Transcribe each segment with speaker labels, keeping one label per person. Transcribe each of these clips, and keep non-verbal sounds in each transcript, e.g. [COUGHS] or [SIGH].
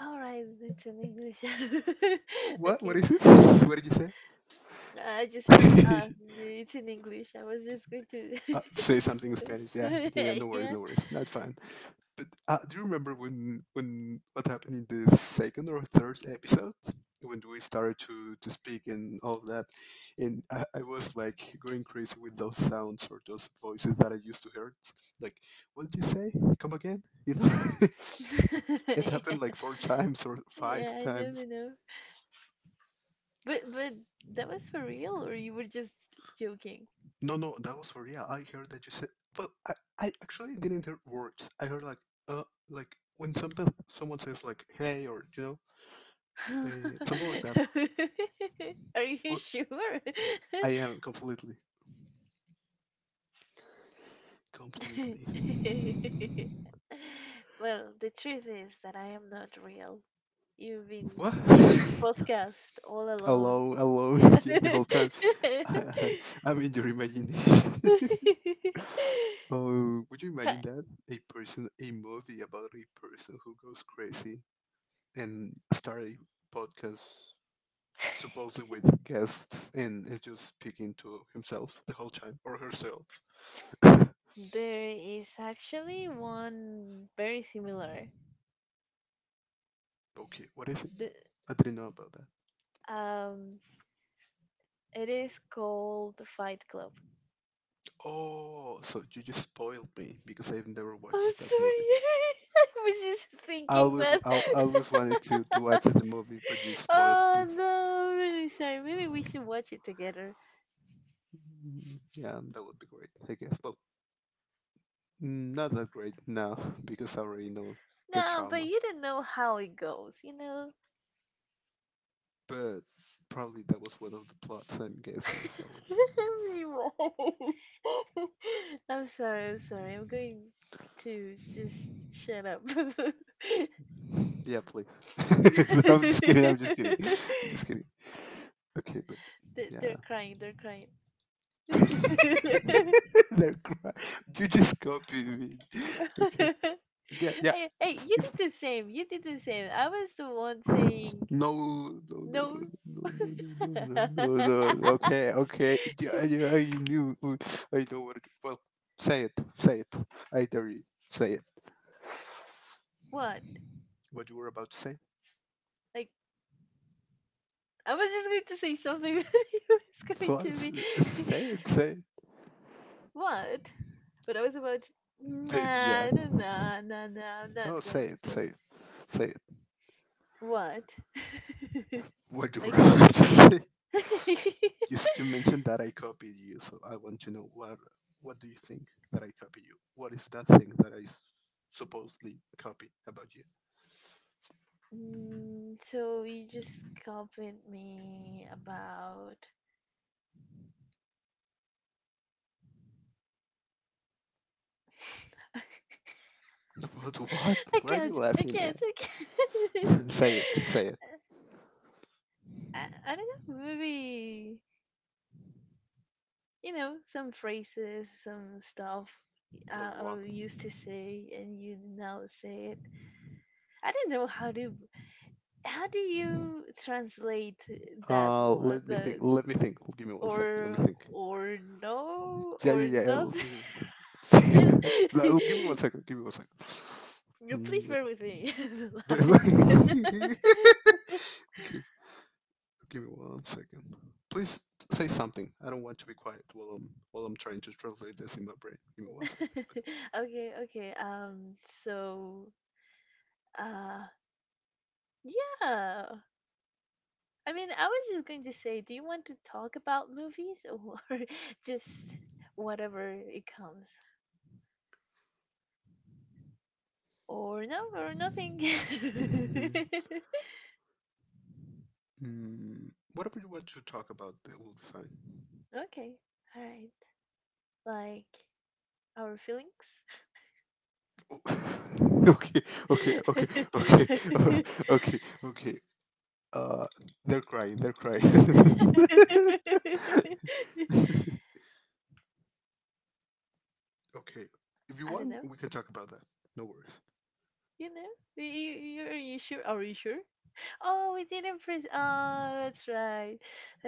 Speaker 1: All right, it's in English. [LAUGHS]
Speaker 2: What? What
Speaker 1: okay,
Speaker 2: is it? [LAUGHS] What did you
Speaker 1: I just said that.
Speaker 2: say?
Speaker 1: It's in English. I was just going to.
Speaker 2: [LAUGHS] Say something in Spanish. Yeah, yeah, yeah. No
Speaker 1: [LAUGHS]
Speaker 2: worries,
Speaker 1: yeah.
Speaker 2: no worries. Not fine. But do you remember when what happened in the second or third episode when we started to speak and all of that, and I was like going crazy with those sounds or those voices that I used to hear. Like, what did you say? Come again? [LAUGHS]
Speaker 1: [LAUGHS]
Speaker 2: It
Speaker 1: yeah.
Speaker 2: happened like four times or
Speaker 1: Yeah,
Speaker 2: five
Speaker 1: I never
Speaker 2: times.
Speaker 1: know. But that was for real, or you were just joking?
Speaker 2: No, no, that was for real. I heard that you said. Well, I actually didn't hear words. I heard uh, like when sometimes someone says like, "Hey," or
Speaker 1: [LAUGHS]
Speaker 2: something like that.
Speaker 1: Are you
Speaker 2: Or
Speaker 1: sure?
Speaker 2: I
Speaker 1: [LAUGHS]
Speaker 2: am completely,
Speaker 1: [LAUGHS]
Speaker 2: completely.
Speaker 1: well, the truth is that I am not real. You've been
Speaker 2: What?
Speaker 1: making
Speaker 2: [LAUGHS]
Speaker 1: podcast all alone.
Speaker 2: Alone, alone.
Speaker 1: Yeah.
Speaker 2: [LAUGHS] Yeah, the
Speaker 1: [LAUGHS]
Speaker 2: whole time. [LAUGHS] I'm in your imagination. [LAUGHS] Oh, would you
Speaker 1: Ha-
Speaker 2: imagine that a person, a movie about a person who goes crazy and start a podcast supposedly with guests and is just speaking to himself the whole time or herself. [LAUGHS] [COUGHS] Okay,
Speaker 1: there is actually one very similar.
Speaker 2: what is it?
Speaker 1: The,
Speaker 2: I didn't know about that.
Speaker 1: um, it is called the Fight Club.
Speaker 2: Oh, so you just spoiled me because I've never
Speaker 1: I'm
Speaker 2: watched that movie.
Speaker 1: sorry. [LAUGHS] I was just thinking that.
Speaker 2: I always wanted to watch
Speaker 1: [LAUGHS]
Speaker 2: the movie, but you
Speaker 1: [LAUGHS]
Speaker 2: spoiled
Speaker 1: Oh
Speaker 2: me.
Speaker 1: no, I'm really sorry. Maybe we should watch it together.
Speaker 2: Mm, yeah, that would be great, I guess. Well, mm, not that great now because I already know the
Speaker 1: No, but
Speaker 2: trauma,
Speaker 1: you don't know how it goes, you know?
Speaker 2: but probably that was one of the plots I'm guessing. So
Speaker 1: [LAUGHS] Anyways. [LAUGHS] I'm sorry, I'm sorry. I'm going to just shut up. [LAUGHS]
Speaker 2: yeah, please. [LAUGHS] I'm just kidding. I'm just kidding. I'm just kidding. Okay, but yeah.
Speaker 1: They're crying, they're crying.
Speaker 2: [LAUGHS]
Speaker 1: [LAUGHS]
Speaker 2: They're cry- you just copy me. Okay. Yeah, yeah.
Speaker 1: Hey, hey, you
Speaker 2: If
Speaker 1: did the same. You did the same. I was the one saying
Speaker 2: no, no, no, no, no,
Speaker 1: no.
Speaker 2: no, no, no, no, no, no. Okay, okay. Yeah,
Speaker 1: [LAUGHS]
Speaker 2: yeah, I knew. I don't want to. Well, say it, say it. I dare you. Say it.
Speaker 1: What?
Speaker 2: What you were about to say?
Speaker 1: Like I was just going to say something, [LAUGHS] but it was going
Speaker 2: Well,
Speaker 1: to be
Speaker 2: say it, say it.
Speaker 1: [LAUGHS] what? But I was about to,
Speaker 2: Yeah.
Speaker 1: nah, nah, nah, nah, nah. I'm not
Speaker 2: No,
Speaker 1: going
Speaker 2: say
Speaker 1: to
Speaker 2: it,
Speaker 1: do
Speaker 2: say
Speaker 1: it.
Speaker 2: it, say it.
Speaker 1: What?
Speaker 2: What
Speaker 1: [LAUGHS]
Speaker 2: you were [LAUGHS]
Speaker 1: like,
Speaker 2: about to say? You,
Speaker 1: [LAUGHS]
Speaker 2: you mentioned that I copied you, so I want to know what do you think that I copied you? What is that thing that I supposedly copied about you?
Speaker 1: So you just compliment me about. [LAUGHS]
Speaker 2: About what?
Speaker 1: I
Speaker 2: What are you
Speaker 1: can't. I
Speaker 2: laughing
Speaker 1: can't.
Speaker 2: at?
Speaker 1: I can't. [LAUGHS]
Speaker 2: [LAUGHS] Say it. Say it.
Speaker 1: I don't know. Maybe some phrases, some stuff
Speaker 2: Like what?
Speaker 1: I used to say, and you now say it. I don't know how do you translate that one,
Speaker 2: Let me think.
Speaker 1: the
Speaker 2: Let me think. Give me one second. Let
Speaker 1: or
Speaker 2: me think.
Speaker 1: or no
Speaker 2: Yeah,
Speaker 1: or
Speaker 2: yeah, yeah. I'll
Speaker 1: nothing.
Speaker 2: give
Speaker 1: [LAUGHS]
Speaker 2: you.
Speaker 1: And
Speaker 2: [LAUGHS]
Speaker 1: [LAUGHS]
Speaker 2: No, I'll give me one
Speaker 1: you
Speaker 2: second. Give me one second. Um,
Speaker 1: please
Speaker 2: let-
Speaker 1: bear with me. [LAUGHS] The
Speaker 2: [LAUGHS]
Speaker 1: line.
Speaker 2: okay. Give me one second. Please say something. I don't want to be quiet while I'm trying to translate this in my brain. Give me one second. But
Speaker 1: [LAUGHS] okay, okay. So, uh, yeah. I mean, I was just going to say, do you want to talk about movies [LAUGHS] or just whatever it comes? Or no, or nothing.
Speaker 2: [LAUGHS]
Speaker 1: [LAUGHS]
Speaker 2: mhm. Mm, whatever you want to talk about, that will be fine. [LAUGHS]
Speaker 1: okay, alright. Like our feelings?
Speaker 2: Oh, okay, okay, okay, okay,
Speaker 1: [LAUGHS]
Speaker 2: [LAUGHS] uh, okay, okay. Uh, they're crying. They're crying. [LAUGHS] Okay, if you
Speaker 1: I don't
Speaker 2: want,
Speaker 1: know.
Speaker 2: we can talk about that. No worries.
Speaker 1: You know? You, you, are you sure? Are you sure? Oh, we didn't press. Oh, that's right.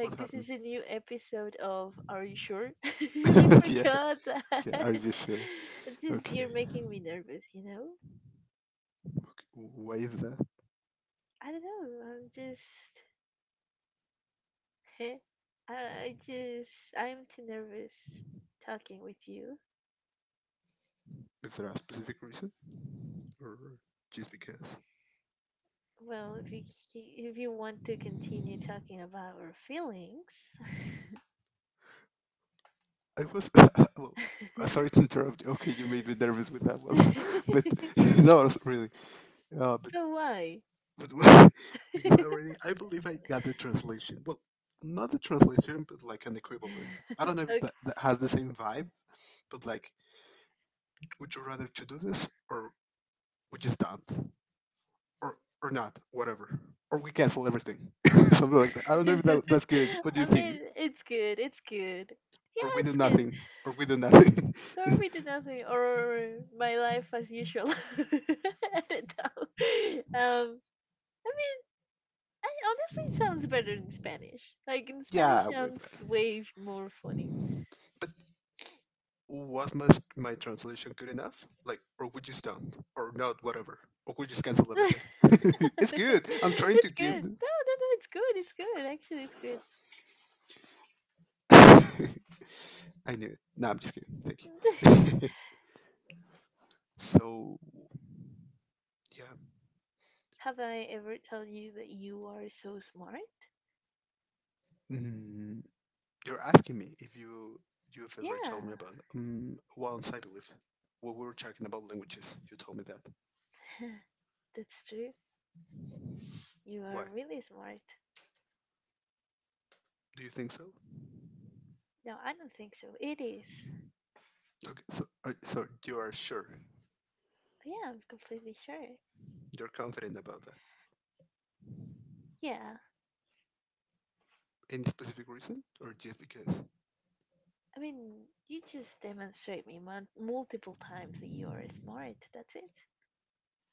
Speaker 2: What
Speaker 1: this
Speaker 2: happened?
Speaker 1: is a new episode of Are You Sure? [LAUGHS] we
Speaker 2: [LAUGHS] Yeah,
Speaker 1: forgot
Speaker 2: yeah.
Speaker 1: that.
Speaker 2: Are
Speaker 1: [LAUGHS]
Speaker 2: you sure?
Speaker 1: It's just,
Speaker 2: Okay.
Speaker 1: you're making me nervous, you know?
Speaker 2: Okay. Why is that?
Speaker 1: I don't know. I'm just. [LAUGHS] I just. I'm too nervous talking with you.
Speaker 2: Is there a specific reason, or just because?
Speaker 1: Well, if you if you want to continue talking about our feelings,
Speaker 2: I was [LAUGHS] well. Sorry
Speaker 1: [LAUGHS]
Speaker 2: to interrupt. You. Okay, you made me nervous with that one, [LAUGHS] but [LAUGHS] no, it's really. Uh, but,
Speaker 1: but why?
Speaker 2: but [LAUGHS] because
Speaker 1: [LAUGHS]
Speaker 2: I believe I got the translation. Well, not the translation, but like an equivalent. I
Speaker 1: [LAUGHS]
Speaker 2: don't know if
Speaker 1: Okay.
Speaker 2: that has the same vibe, but like, would you rather to do this or we just don't, or or not, whatever, or we cancel everything, [LAUGHS] something like that. I don't
Speaker 1: [LAUGHS]
Speaker 2: know if that's good. What do you
Speaker 1: I
Speaker 2: think?
Speaker 1: mean, it's good. It's good.
Speaker 2: Or
Speaker 1: Yeah,
Speaker 2: we do
Speaker 1: it's good.
Speaker 2: nothing, or we do nothing.
Speaker 1: Don't
Speaker 2: [LAUGHS]
Speaker 1: read nothing or my life as usual. [LAUGHS] I don't know. Um, I mean, I honestly it sounds better in Spanish. Like in Spanish,
Speaker 2: Yeah, way
Speaker 1: sounds
Speaker 2: better.
Speaker 1: way more funny.
Speaker 2: But was my translation good enough? Like, or we just don't, or not, whatever, or we just cancel everything.
Speaker 1: [LAUGHS]
Speaker 2: [LAUGHS] It's good. I'm trying to
Speaker 1: It's good. No,
Speaker 2: give.
Speaker 1: no, no. It's good. It's good. Actually, it's good.
Speaker 2: [LAUGHS] I knew it. No, I'm just kidding. Thank you. [LAUGHS] So yeah,
Speaker 1: [LAUGHS] Have I ever told you that you are so smart?
Speaker 2: mm, you're asking me if you've ever told me
Speaker 1: Yeah,
Speaker 2: about once I believe when we were talking about languages. You told me that.
Speaker 1: [LAUGHS] that's true. You are
Speaker 2: Why?
Speaker 1: really smart.
Speaker 2: Do you think so?
Speaker 1: No, I don't think so. It is.
Speaker 2: Okay, so so you are sure
Speaker 1: But yeah, I'm completely sure.
Speaker 2: you're confident about that?
Speaker 1: Yeah.
Speaker 2: Any specific reason, or just because?
Speaker 1: I mean, you just demonstrate me multiple times that you are smart. That's it.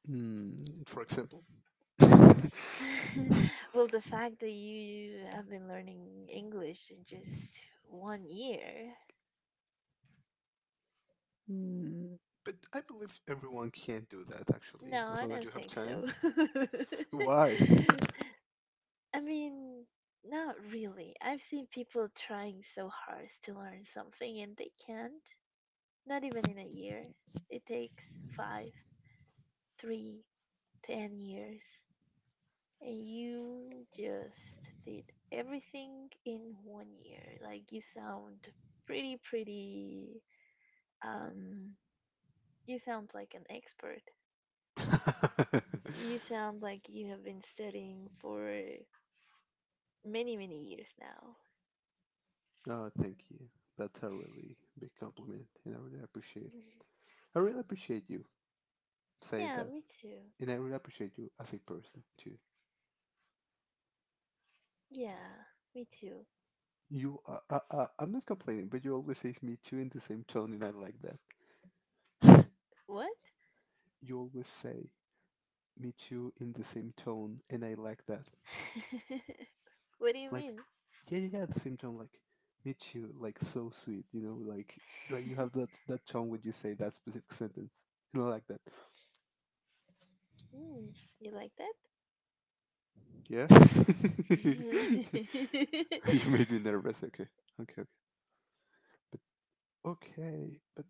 Speaker 2: Mm. For example. [LAUGHS]
Speaker 1: [LAUGHS] well, the fact that you have been learning English in just one year.
Speaker 2: Mm. But I believe everyone can do that actually,
Speaker 1: No,
Speaker 2: as
Speaker 1: I
Speaker 2: long as
Speaker 1: don't
Speaker 2: you have
Speaker 1: think
Speaker 2: time.
Speaker 1: so. [LAUGHS]
Speaker 2: Why?
Speaker 1: I mean, not really. I've seen people trying so hard to learn something and they can't. Not even in a year. It takes five, three, 10 years and you just did everything in one year. Like you sound pretty um you sound like an expert.
Speaker 2: [LAUGHS] Oh,
Speaker 1: You sound like you have been studying for many, many years now.
Speaker 2: thank you. That's a really big compliment, and I really appreciate it.
Speaker 1: [LAUGHS]
Speaker 2: I really appreciate you saying
Speaker 1: yeah,
Speaker 2: that,
Speaker 1: me too.
Speaker 2: and I really appreciate you as a person too.
Speaker 1: Yeah, me too.
Speaker 2: You, I'm not complaining, but you always say "me too" in the same tone, and I like that.
Speaker 1: What?
Speaker 2: You always say "me too" in the same tone, and I like that.
Speaker 1: [LAUGHS] what do you
Speaker 2: Like,
Speaker 1: mean?
Speaker 2: yeah, yeah, yeah, at the same time, like Michu, like so sweet, you know, like you have
Speaker 1: [LAUGHS]
Speaker 2: that tone when you say that specific sentence, you know, like that.
Speaker 1: Mm, you like
Speaker 2: Yeah.
Speaker 1: that? [LAUGHS]
Speaker 2: [LAUGHS] You made me nervous. Okay, okay, okay, but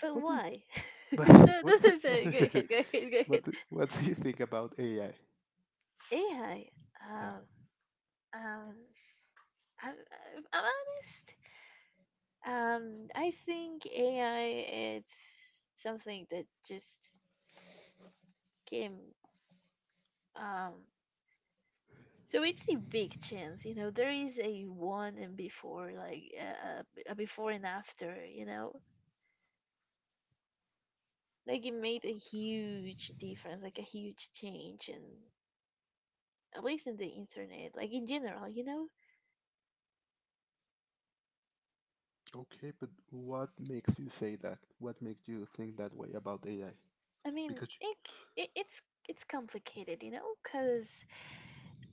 Speaker 1: But
Speaker 2: okay, but what do you think?
Speaker 1: why? [LAUGHS]
Speaker 2: [LAUGHS] But
Speaker 1: No,
Speaker 2: what
Speaker 1: no,
Speaker 2: do-
Speaker 1: no,
Speaker 2: [LAUGHS] what
Speaker 1: sorry. Go
Speaker 2: do-
Speaker 1: ahead. Go ahead. Go ahead.
Speaker 2: what do you think about AI?
Speaker 1: AI.
Speaker 2: Yeah,
Speaker 1: Um, um, I'm honest. I think AI it's something that just came. Um, so it's a big chance. You know, there is a one and before, like a before and after. You know, like it made a huge difference, like a huge change, and at least in the internet, like in general. You know,
Speaker 2: okay, but what makes you say that, what makes you think that way about AI?
Speaker 1: I mean,
Speaker 2: Because
Speaker 1: it, c- it it's complicated, you know, because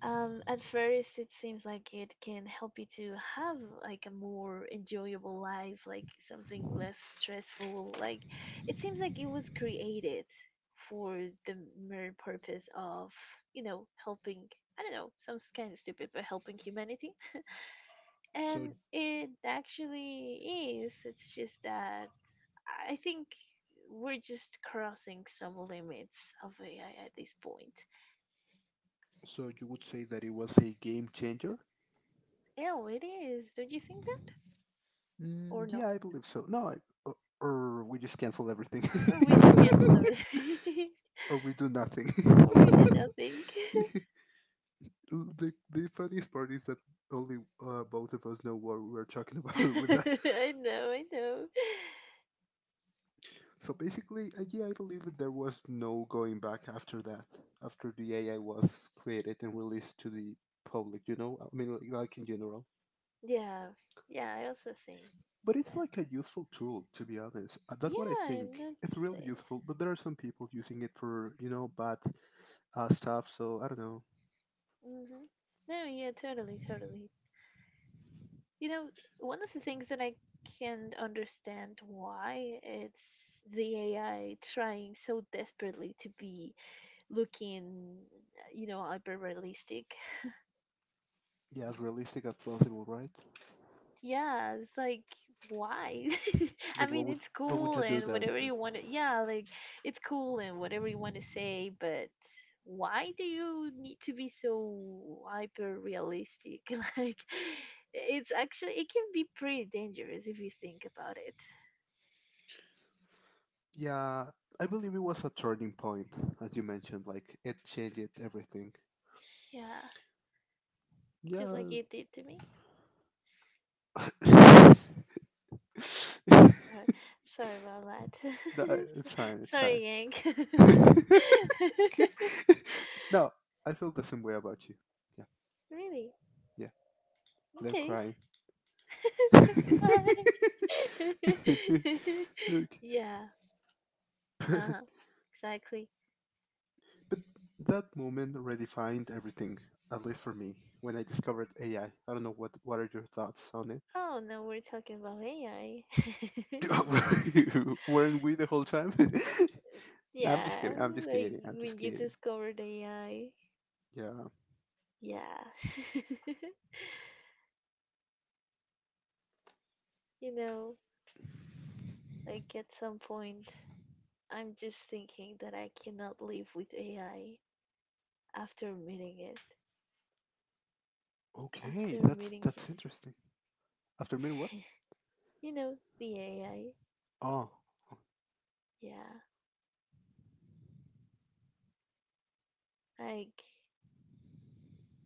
Speaker 1: at first it seems like it can help you to have like a more enjoyable life, like something less stressful. Like it seems like it was created for the mere purpose of helping. I don't know, sounds kind of stupid, but helping humanity,
Speaker 2: so
Speaker 1: and it actually is. It's just that I think we're just crossing some limits of AI at this point.
Speaker 2: so you would say that it was a game changer?
Speaker 1: Yeah, it is. Don't you think that? Or
Speaker 2: Mm, yeah,
Speaker 1: no?
Speaker 2: I believe so. No, I, or, or we just cancel everything,
Speaker 1: Or we just cancel
Speaker 2: [LAUGHS]
Speaker 1: everything?
Speaker 2: or we do nothing.
Speaker 1: [LAUGHS] or we did
Speaker 2: [LAUGHS]
Speaker 1: nothing?
Speaker 2: The funniest part is that only both of us know what we were talking
Speaker 1: [LAUGHS]
Speaker 2: about [LAUGHS] with that.
Speaker 1: I know, I know.
Speaker 2: So basically, yeah, I believe that there was no going back after that, after the AI was created and released to the public. You know, I mean, like in general.
Speaker 1: Yeah, yeah, I also think
Speaker 2: But it's
Speaker 1: that.
Speaker 2: like a useful tool, to be honest.
Speaker 1: Yeah,
Speaker 2: That's what I
Speaker 1: I'm
Speaker 2: think.
Speaker 1: not.
Speaker 2: It's really
Speaker 1: eh,
Speaker 2: useful, but there are some people using it for, you know, bad stuff. So I don't know.
Speaker 1: Mm-hmm. No, yeah, totally, totally. You know, one of the things that I can understand why it's the AI trying so desperately to be looking, you know, hyper realistic.
Speaker 2: Yeah, as realistic as possible, right?
Speaker 1: Yeah, it's like why? [LAUGHS] I
Speaker 2: Like,
Speaker 1: mean, it's
Speaker 2: what would
Speaker 1: cool
Speaker 2: you do
Speaker 1: and
Speaker 2: that?
Speaker 1: whatever
Speaker 2: But
Speaker 1: you want to, yeah, like it's cool and whatever you want to say, but why do you need to be so hyper realistic? [LAUGHS] Like it's actually it can be pretty dangerous if you think about it.
Speaker 2: yeah, I believe it was a turning point, as you mentioned. Like, it changed everything.
Speaker 1: Yeah. Just like
Speaker 2: Yeah,
Speaker 1: you did to me.
Speaker 2: [LAUGHS] that,
Speaker 1: Sorry, sorry about that. [LAUGHS]
Speaker 2: it's fine. It's fine.
Speaker 1: Sorry, Yang.
Speaker 2: [LAUGHS]
Speaker 1: [LAUGHS]
Speaker 2: No, I feel the same way about you. Yeah,
Speaker 1: really?
Speaker 2: yeah, they're
Speaker 1: Okay.
Speaker 2: crying.
Speaker 1: [LAUGHS] Cry. [LAUGHS]
Speaker 2: [LAUGHS] Look.
Speaker 1: yeah. Uh
Speaker 2: [LAUGHS]
Speaker 1: huh. Exactly.
Speaker 2: That moment redefined everything, at least for me, when I discovered AI. I don't know what are your thoughts on it?
Speaker 1: Oh no, we're talking about AI.
Speaker 2: [LAUGHS] Weren't we the whole time? [LAUGHS]
Speaker 1: [LAUGHS]
Speaker 2: No, I'm just
Speaker 1: yeah,
Speaker 2: kidding. I'm just
Speaker 1: like
Speaker 2: kidding. I'm just
Speaker 1: when you
Speaker 2: kidding.
Speaker 1: discovered AI.
Speaker 2: Yeah.
Speaker 1: Yeah. [LAUGHS] you know, like at some point, I'm just thinking that I cannot live with AI after meeting it,
Speaker 2: Okay,
Speaker 1: after meeting him.
Speaker 2: that's interesting. After meeting what?
Speaker 1: [LAUGHS] you know, the AI.
Speaker 2: Oh.
Speaker 1: Yeah. Like,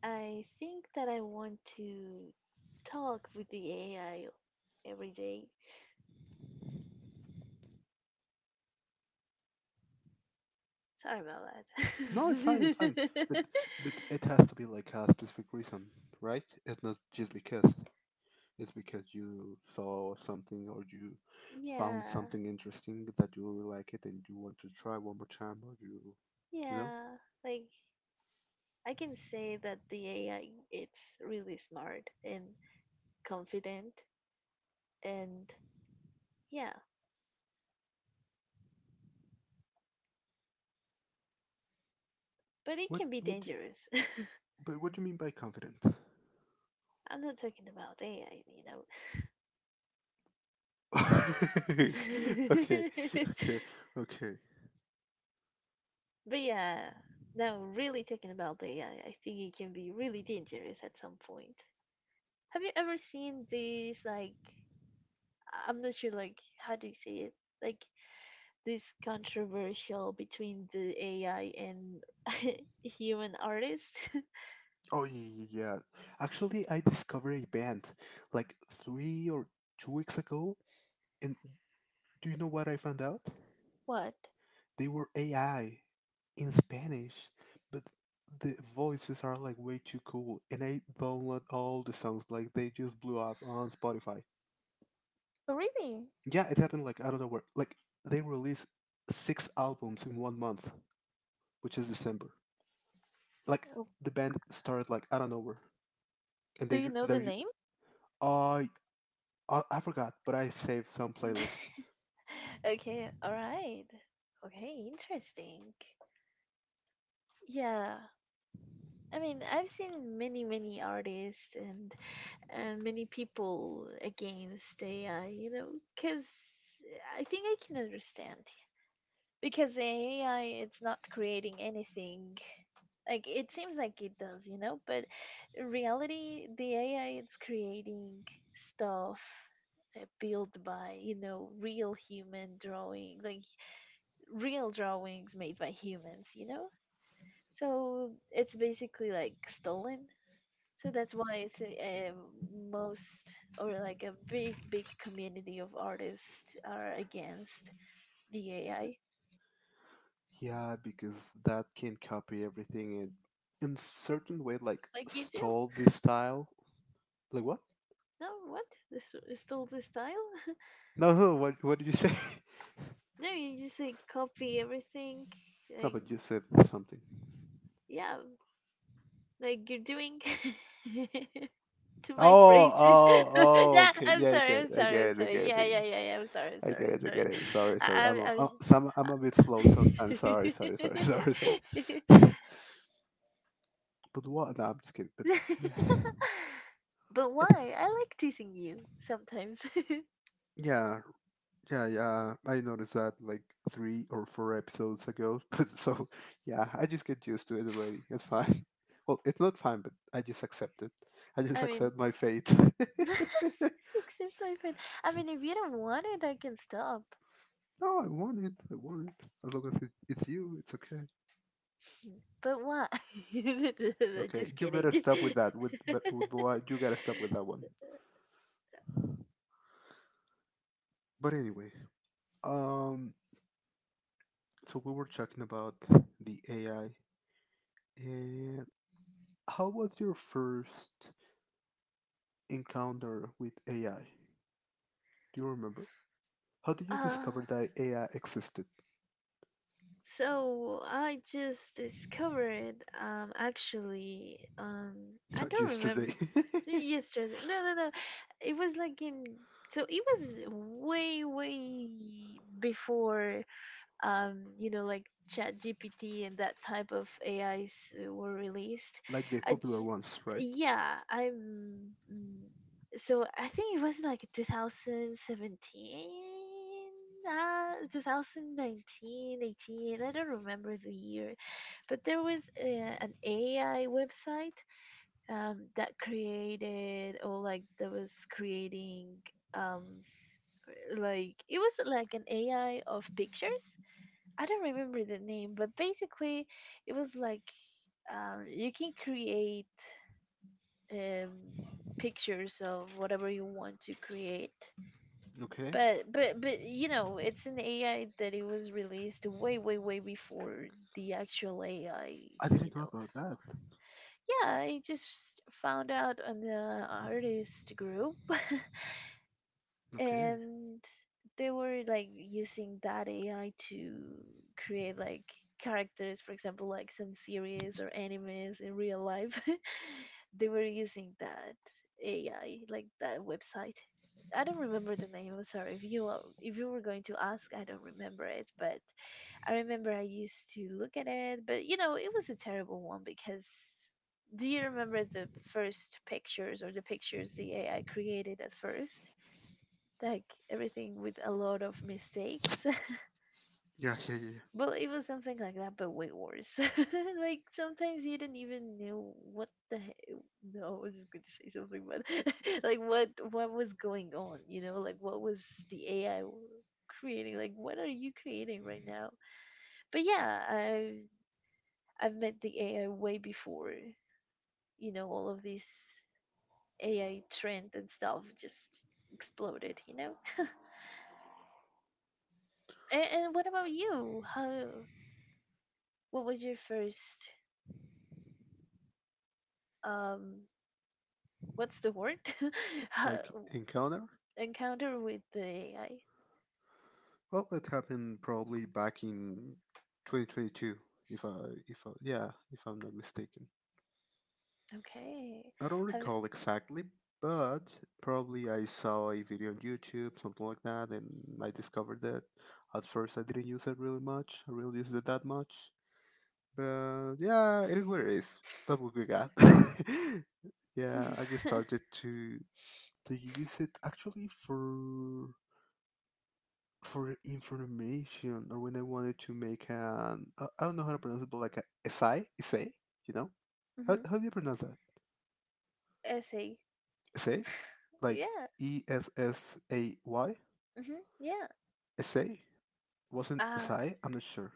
Speaker 1: I think that I want to talk with the AI every day. Sorry about
Speaker 2: No, it's fine, it's fine. But
Speaker 1: that. [LAUGHS]
Speaker 2: but it has to be like a specific reason, right? It's not just because. It's because you saw something or you found
Speaker 1: yeah.
Speaker 2: something interesting that you really like it and you want to try one more time or you know?
Speaker 1: Yeah. Like, I can say that the AI it's really smart and confident and yeah, but it
Speaker 2: What,
Speaker 1: can be
Speaker 2: what, you-
Speaker 1: dangerous. [LAUGHS]
Speaker 2: but what do you mean by confident?
Speaker 1: I'm not talking about AI, you know.
Speaker 2: [LAUGHS] Okay, okay,
Speaker 1: [LAUGHS]
Speaker 2: okay.
Speaker 1: but yeah, now really talking about the AI, I think it can be really dangerous at some point. Have you ever seen these like I'm not sure like how do you say it? Like this controversial between the AI and [LAUGHS] human artists? [LAUGHS]
Speaker 2: Oh yeah, yeah, yeah. Actually, I discovered a band like three or two weeks ago, and do you know what I found out?
Speaker 1: what?
Speaker 2: They were AI in Spanish, but the voices are like way too cool. And I download all the songs. Like they just blew up on Spotify.
Speaker 1: Oh, really?
Speaker 2: Yeah, it happened like I don't know where. Like they released six albums in one month, which is December. Like
Speaker 1: Oh,
Speaker 2: the band started like I don't know where, and
Speaker 1: do
Speaker 2: they
Speaker 1: you know the
Speaker 2: they're
Speaker 1: name?
Speaker 2: uh, I I forgot, but I saved some playlist.
Speaker 1: [LAUGHS] okay, all right. Okay, interesting. Yeah, I mean, I've seen many, many artists and many people against AI, you know, because I think I can understand. Because AI, it's not creating anything. Like, it seems like it does, you know, but in reality, the AI, it's creating stuff built by, you know, real human drawing, like real drawings made by humans, you know? So it's basically like stolen. So that's why it's a most or like a big, big community of artists are against the AI.
Speaker 2: Yeah, because that can copy everything and in certain way like
Speaker 1: Like you do.
Speaker 2: stole this style. Like what?
Speaker 1: No, what? This is still the style? [LAUGHS]
Speaker 2: No, no, what did you say? [LAUGHS]
Speaker 1: no, you just like copy everything.
Speaker 2: No,
Speaker 1: Like
Speaker 2: but you said something.
Speaker 1: yeah, like you're doing [LAUGHS] to my
Speaker 2: Oh,
Speaker 1: phrases.
Speaker 2: oh,
Speaker 1: [LAUGHS]
Speaker 2: oh.
Speaker 1: yeah,
Speaker 2: Okay,
Speaker 1: I'm
Speaker 2: yeah,
Speaker 1: sorry, I'm
Speaker 2: I
Speaker 1: sorry,
Speaker 2: get
Speaker 1: I'm
Speaker 2: it, I
Speaker 1: sorry.
Speaker 2: get it,
Speaker 1: Yeah,
Speaker 2: I get it.
Speaker 1: yeah, yeah, yeah. I'm sorry, I'm
Speaker 2: I
Speaker 1: sorry,
Speaker 2: get
Speaker 1: I'm
Speaker 2: it, I get
Speaker 1: sorry.
Speaker 2: it. Sorry, sorry.
Speaker 1: I, I'm,
Speaker 2: I'm a bit slow sometimes. Sorry, sorry,
Speaker 1: I'm.
Speaker 2: sorry, [LAUGHS] sorry, sorry.
Speaker 1: [LAUGHS]
Speaker 2: But
Speaker 1: [LAUGHS]
Speaker 2: what? No, I'm just kidding. But yeah,
Speaker 1: [LAUGHS] But
Speaker 2: it,
Speaker 1: why? I like teasing you sometimes. [LAUGHS]
Speaker 2: yeah, yeah, yeah. I noticed that like three or four episodes ago. [LAUGHS] But so yeah, I just get used to it already. It's fine. [LAUGHS] Well, it's not fine, but I just accept it. I just
Speaker 1: I mean,
Speaker 2: accept my fate.
Speaker 1: [LAUGHS] just
Speaker 2: [LAUGHS]
Speaker 1: accept my friend. I mean, if you don't want it, I can stop.
Speaker 2: No, I want it. I want it. As long as it's you, it's okay.
Speaker 1: [LAUGHS] But why? [LAUGHS]
Speaker 2: Okay,
Speaker 1: Just
Speaker 2: you better
Speaker 1: kidding.
Speaker 2: stop with that. With but with what, you gotta stop with that
Speaker 1: [LAUGHS]
Speaker 2: one. But anyway, um, so we were talking about the AI, and how was your first encounter with AI? Do you remember? How did you
Speaker 1: uh,
Speaker 2: discover that AI existed?
Speaker 1: So I just discovered actually I
Speaker 2: Not
Speaker 1: don't remember
Speaker 2: yesterday,
Speaker 1: yesterday no no no it was like in so it was way way before you know, like Chat GPT and that type of AIs were released.
Speaker 2: [LAUGHS] like the
Speaker 1: I
Speaker 2: popular
Speaker 1: j-
Speaker 2: ones, right?
Speaker 1: yeah, so I think it was like 2017, 2019, 18. I don't remember the year, but there was an AI website that created or like that was creating um like it was like an AI of pictures. I don't remember the name, but basically it was like you can create um, pictures of whatever you want to create.
Speaker 2: Okay,
Speaker 1: But you know, it's an AI that it was released way way way before the actual AI.
Speaker 2: I
Speaker 1: You
Speaker 2: didn't know
Speaker 1: know,
Speaker 2: about
Speaker 1: so
Speaker 2: that.
Speaker 1: yeah, I just found out on the artist group [LAUGHS]
Speaker 2: Okay,
Speaker 1: and they were like using that AI to create like characters, for example, like some series or animes in real life. [LAUGHS] they were using that AI, like that website. I don't remember the name. I'm sorry. If you were going to ask, I don't remember it. But I remember I used to look at it. But you know, it was a terrible one because do you remember the first pictures or the pictures the AI created at first? Like everything with a lot of mistakes. [LAUGHS]
Speaker 2: yeah, yeah, yeah, yeah.
Speaker 1: well, it was something like that, but way worse. [LAUGHS] like sometimes you didn't even know what no, I was just going to say something, but [LAUGHS] like what was going on, you know, like what was the AI creating? Like what are you creating right now? But yeah, I've met the AI way before, you know, all of this AI trend and stuff just exploded, you know. [LAUGHS] And what about you? How What was your first um what's the word? [LAUGHS] Ha-
Speaker 2: Like encounter.
Speaker 1: Encounter with the AI.
Speaker 2: Well, it happened probably back in 2022, if I, if I, yeah, if I'm not mistaken.
Speaker 1: Okay.
Speaker 2: I don't
Speaker 1: Have
Speaker 2: recall exactly, but probably I saw a video on YouTube, something like that, and I discovered that. At first, I didn't use it really much. I really used it that much, but yeah, it is what it is. That's what we got. [LAUGHS] Yeah, I just
Speaker 1: [LAUGHS]
Speaker 2: started to to use it actually for information, or when I wanted to make an I don't know how to pronounce it, but like a essay, you know? How,
Speaker 1: hmm
Speaker 2: do you pronounce that?
Speaker 1: essay.
Speaker 2: Essay? Like
Speaker 1: Yeah.
Speaker 2: E S S A Y?
Speaker 1: hmm Yeah.
Speaker 2: Essay? Wasn't
Speaker 1: Uh
Speaker 2: essay? I'm not sure.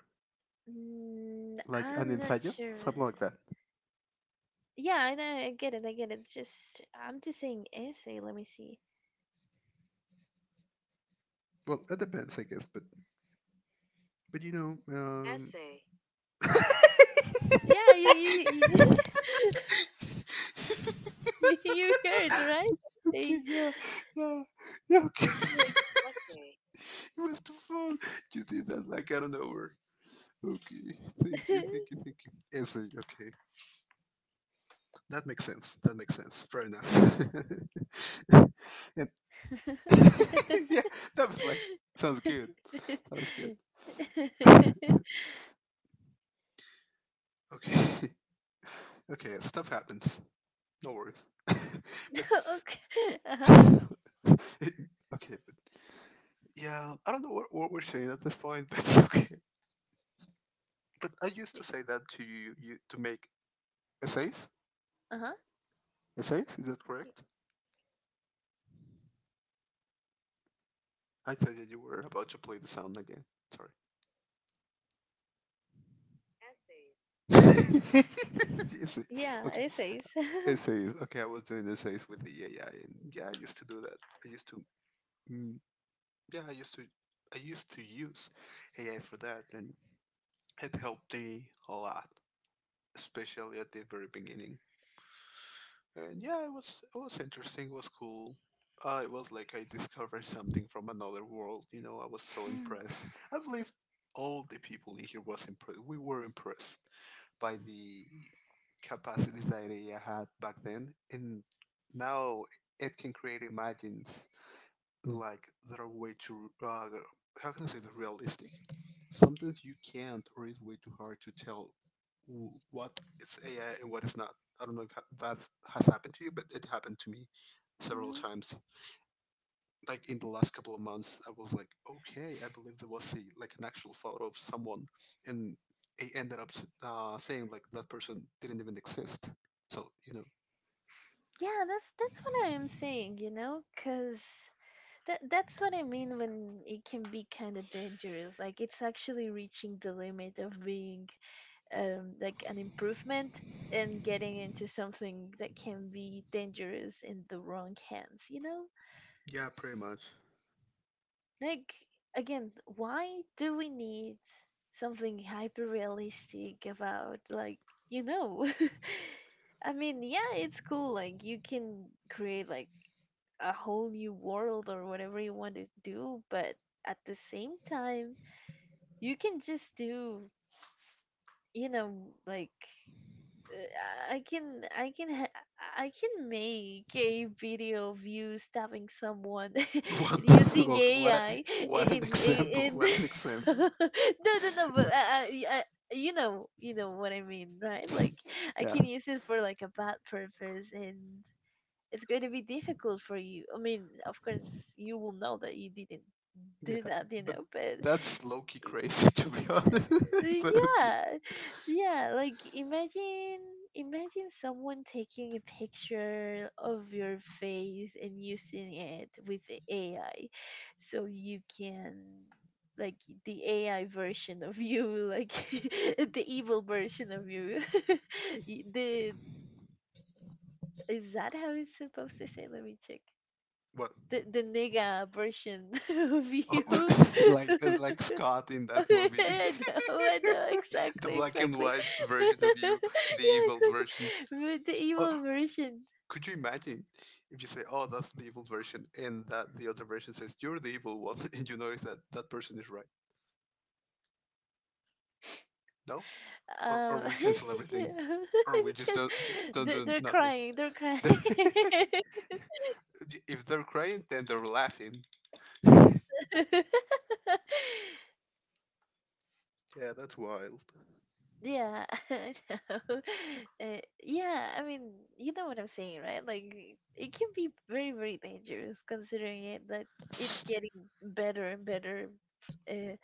Speaker 2: Like an
Speaker 1: I'm not
Speaker 2: ensayo?
Speaker 1: sure.
Speaker 2: Something like that.
Speaker 1: Yeah, I know. I get it. I get it. It's just I'm just saying essay. Let me see.
Speaker 2: Well, it depends, I guess, but but you know, um [LAUGHS]
Speaker 1: Yeah, you you, [LAUGHS] you heard right?
Speaker 2: Okay,
Speaker 1: Essay.
Speaker 2: yeah, yeah, yeah, okay. [LAUGHS] [LAUGHS] It was too fun. You did that like out of nowhere. Okay, thank you,
Speaker 1: Like
Speaker 2: thank you, thank you. Essay, okay. That makes sense. That makes sense. Fair enough. [LAUGHS] And
Speaker 1: [LAUGHS] [LAUGHS] [LAUGHS]
Speaker 2: [LAUGHS] yeah, that was like, sounds good.
Speaker 1: okay.
Speaker 2: Sounds good. [LAUGHS] Okay, [LAUGHS] okay, stuff happens. No worries. [LAUGHS] But, [LAUGHS]
Speaker 1: Uh-huh.
Speaker 2: it, okay, but yeah, I don't know what we're saying at this point, but [LAUGHS] okay. But I used
Speaker 1: Y-
Speaker 2: to say that to you to make essays.
Speaker 1: Uh-huh.
Speaker 2: Is that
Speaker 1: Y-
Speaker 2: correct? I thought that you were about to play the sound again. Sorry. [LAUGHS] Essay.
Speaker 1: Yeah,
Speaker 2: Okay.
Speaker 1: essays. [LAUGHS]
Speaker 2: Essays. Okay, I was doing essays with the AI, and yeah, I used to do that. I used to. Mm, yeah, I used to. I used to use AI for that, and it helped me a lot, especially at the very beginning. And yeah, it was interesting. It was cool. It was like I discovered something from another world. You know, I was so impressed. I believe all the people in here was impressed. We were impressed by the capacities that AI had back then, and now it can create imagines like that are way too how can I say that, realistic. Sometimes you can't, or it's way too hard to tell what is AI and what is not. I don't know if that has happened to you, but it happened to me several
Speaker 1: Mhm.
Speaker 2: times. Like in the last couple of months, I was like, okay, I believe there was a like an actual photo of someone, and it ended up saying like that person didn't even exist. So you know,
Speaker 1: Yeah, that's what I am saying, you know, cause that's what I mean when it can be kind of dangerous. Like it's actually reaching the limit of being like an improvement and getting into something that can be dangerous in the wrong hands, you know?
Speaker 2: yeah, pretty much.
Speaker 1: Like again, why do we need something hyper realistic about like you know? [LAUGHS] I mean, yeah, it's cool. Like you can create like a whole new world or whatever you want to do, but at the same time, you can just do you know like I can I can make a video of you stabbing someone
Speaker 2: [LAUGHS]
Speaker 1: [LAUGHS] using AI
Speaker 2: What an
Speaker 1: in in,
Speaker 2: example!
Speaker 1: in
Speaker 2: What an
Speaker 1: [LAUGHS] no
Speaker 2: example!
Speaker 1: no no but I you know what I mean, right? Like I
Speaker 2: Yeah,
Speaker 1: can use it for like a bad purpose, and it's going to be difficult for you. I mean, of course you will know that you didn't
Speaker 2: yeah,
Speaker 1: do that, you
Speaker 2: but
Speaker 1: know, but
Speaker 2: that's low key crazy [LAUGHS] to be honest. [LAUGHS] But okay,
Speaker 1: yeah. Yeah, like imagine someone taking a picture of your face and using it with the AI so you can like the AI version of you, like [LAUGHS] the evil version of you. [LAUGHS] Y- the is that how it's supposed to say? Let me check.
Speaker 2: what?
Speaker 1: The nigga version [LAUGHS] of
Speaker 2: Oh,
Speaker 1: you.
Speaker 2: [LAUGHS]
Speaker 1: [LAUGHS]
Speaker 2: like Scott in
Speaker 1: [LAUGHS]
Speaker 2: that movie,
Speaker 1: I know, I know,
Speaker 2: [LAUGHS] the
Speaker 1: exactly,
Speaker 2: black and
Speaker 1: exactly.
Speaker 2: white
Speaker 1: [LAUGHS]
Speaker 2: version of you,
Speaker 1: Yeah,
Speaker 2: the evil
Speaker 1: exactly.
Speaker 2: version.
Speaker 1: With the
Speaker 2: Oh,
Speaker 1: evil versions.
Speaker 2: could you imagine if you say, "Oh, that's the evil version," and that the other version says, "You're the evil one," [LAUGHS] and you notice that that person is right? No, or
Speaker 1: Um,
Speaker 2: we cancel everything, or we
Speaker 1: [LAUGHS]
Speaker 2: just
Speaker 1: because
Speaker 2: don't
Speaker 1: they're,
Speaker 2: do
Speaker 1: they're
Speaker 2: nothing.
Speaker 1: crying, they're crying.
Speaker 2: [LAUGHS]
Speaker 1: [LAUGHS]
Speaker 2: If they're crying, then they're laughing. Yeah, that's wild.
Speaker 1: Yeah, [LAUGHS] I know. Yeah, I mean, you know what I'm saying, right? Like, it can be very, very dangerous considering it that it's getting better and better, eh,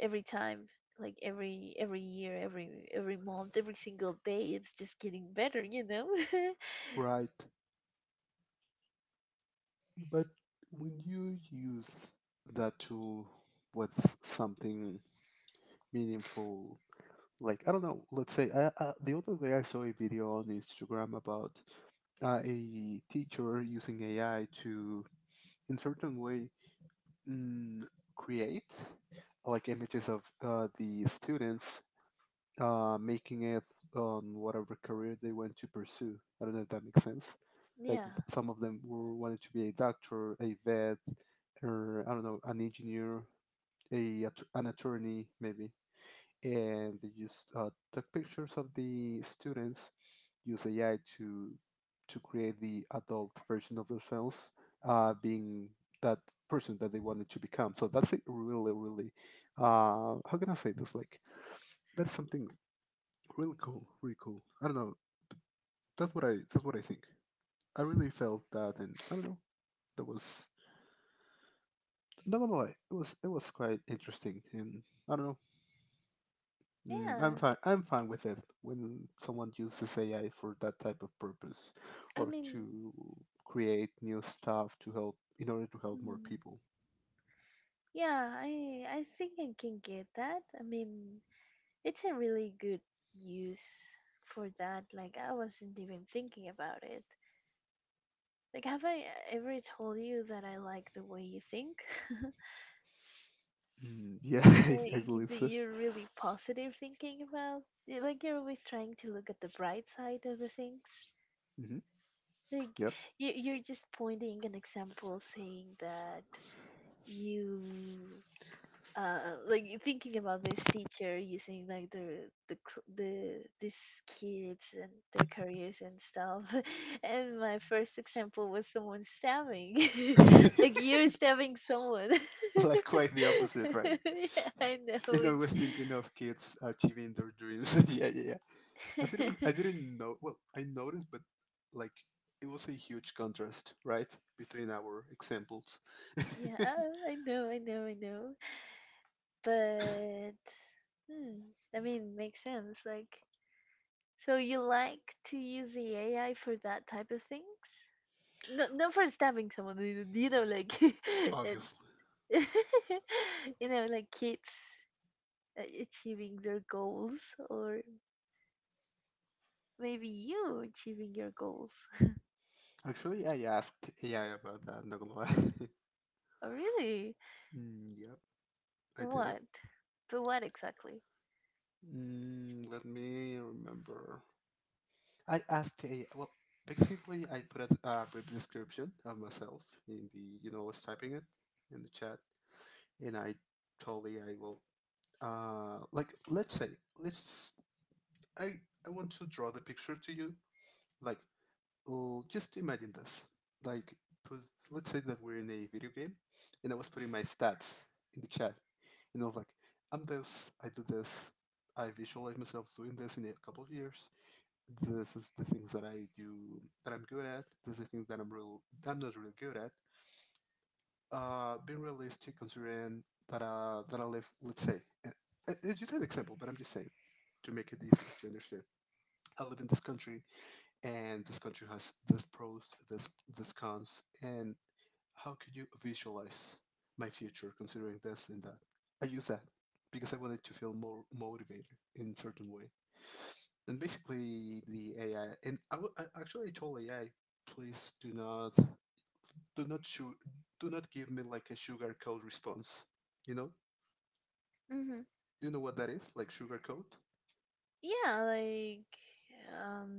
Speaker 1: every time, like every year, every month, every single day, it's just getting better, you know? [LAUGHS]
Speaker 2: Right. But when you use that tool with something meaningful, like, I don't know, let's say, the other day I saw a video on Instagram about a teacher using AI to, in certain way, mm, create like images of the students making it on whatever career they want to pursue. I don't know if that makes sense. Like
Speaker 1: Yeah,
Speaker 2: some of them were wanted to be a doctor, a vet, or I don't know, an engineer, an attorney maybe, and they just took pictures of the students, use AI to create the adult version of themselves, being that person that they wanted to become. So that's a really, how can I say this? Like that's something really cool, really cool. I don't know. That's what I think. I really felt that, and I don't know. That was not gonna lie. It was quite interesting, and I don't know. Mm, I'm
Speaker 1: yeah,
Speaker 2: fine. I'm fine with it when someone uses AI for that type of purpose,
Speaker 1: I
Speaker 2: or
Speaker 1: mean
Speaker 2: to create new stuff to help in order to help more
Speaker 1: mm,
Speaker 2: people.
Speaker 1: yeah, I think I can get that. I mean, it's a really good use for that. Like I wasn't even thinking about it. Like have I ever told you that I like the way you think? [LAUGHS]
Speaker 2: Mm, yeah, [LAUGHS] I
Speaker 1: Like
Speaker 2: believe
Speaker 1: that
Speaker 2: so.
Speaker 1: you're really positive, thinking about, like, you're always trying to look at the bright side of the things.
Speaker 2: Hmm.
Speaker 1: Like
Speaker 2: Yep.
Speaker 1: you're just pointing an example, saying that you, uh, like you're thinking about this teacher using like these kids and their careers and stuff. [LAUGHS] And my first example was someone stabbing,
Speaker 2: [LAUGHS]
Speaker 1: [LAUGHS] like you're stabbing someone.
Speaker 2: Like
Speaker 1: [LAUGHS]
Speaker 2: quite the opposite, right?
Speaker 1: Yeah, I know
Speaker 2: And I
Speaker 1: it's.
Speaker 2: was thinking of kids achieving their dreams. [LAUGHS] Yeah, yeah, yeah. I
Speaker 1: [LAUGHS]
Speaker 2: didn't know, well, I noticed, but like it was a huge contrast, right, between our examples.
Speaker 1: Yeah,
Speaker 2: [LAUGHS]
Speaker 1: I know. But hmm, I mean, makes sense. Like, so you like to use the AI for that type of things? No, not for stabbing someone. You know, like [LAUGHS] it,
Speaker 2: Obviously.
Speaker 1: [LAUGHS] you know, like kids achieving their goals, or maybe you achieving your goals. [LAUGHS]
Speaker 2: Actually, I asked AI about that, not gonna lie. [LAUGHS]
Speaker 1: Oh, really?
Speaker 2: Mm, yep. I did it.
Speaker 1: What? But what exactly?
Speaker 2: Mm, let me remember. I asked AI, well, basically I put a brief description of myself in the, you know, I was typing it in the chat, and I told AI, well, like let's say, let's I I want to draw the picture to you. Like, oh, just imagine this. Like, put, let's say that we're in a video game, and I was putting my stats in the chat, and I was like, I'm this, I do this, I visualize myself doing this in a couple of years. This is the things that I do that I'm good at. This is the things that I'm not really good at. Being realistic, considering that I live, let's say, it's just an example, but I'm just saying to make it easier to understand. I live in this country, and this country has this pros, this cons, and how could you visualize my future considering this and that? I use that because I wanted to feel more motivated in certain way. And basically, the AI and I, w- I actually told AI, please do not su- do not give me like a sugar coat response. You know,
Speaker 1: Mm-hmm.
Speaker 2: you know what that is, like sugar coat.
Speaker 1: Yeah, like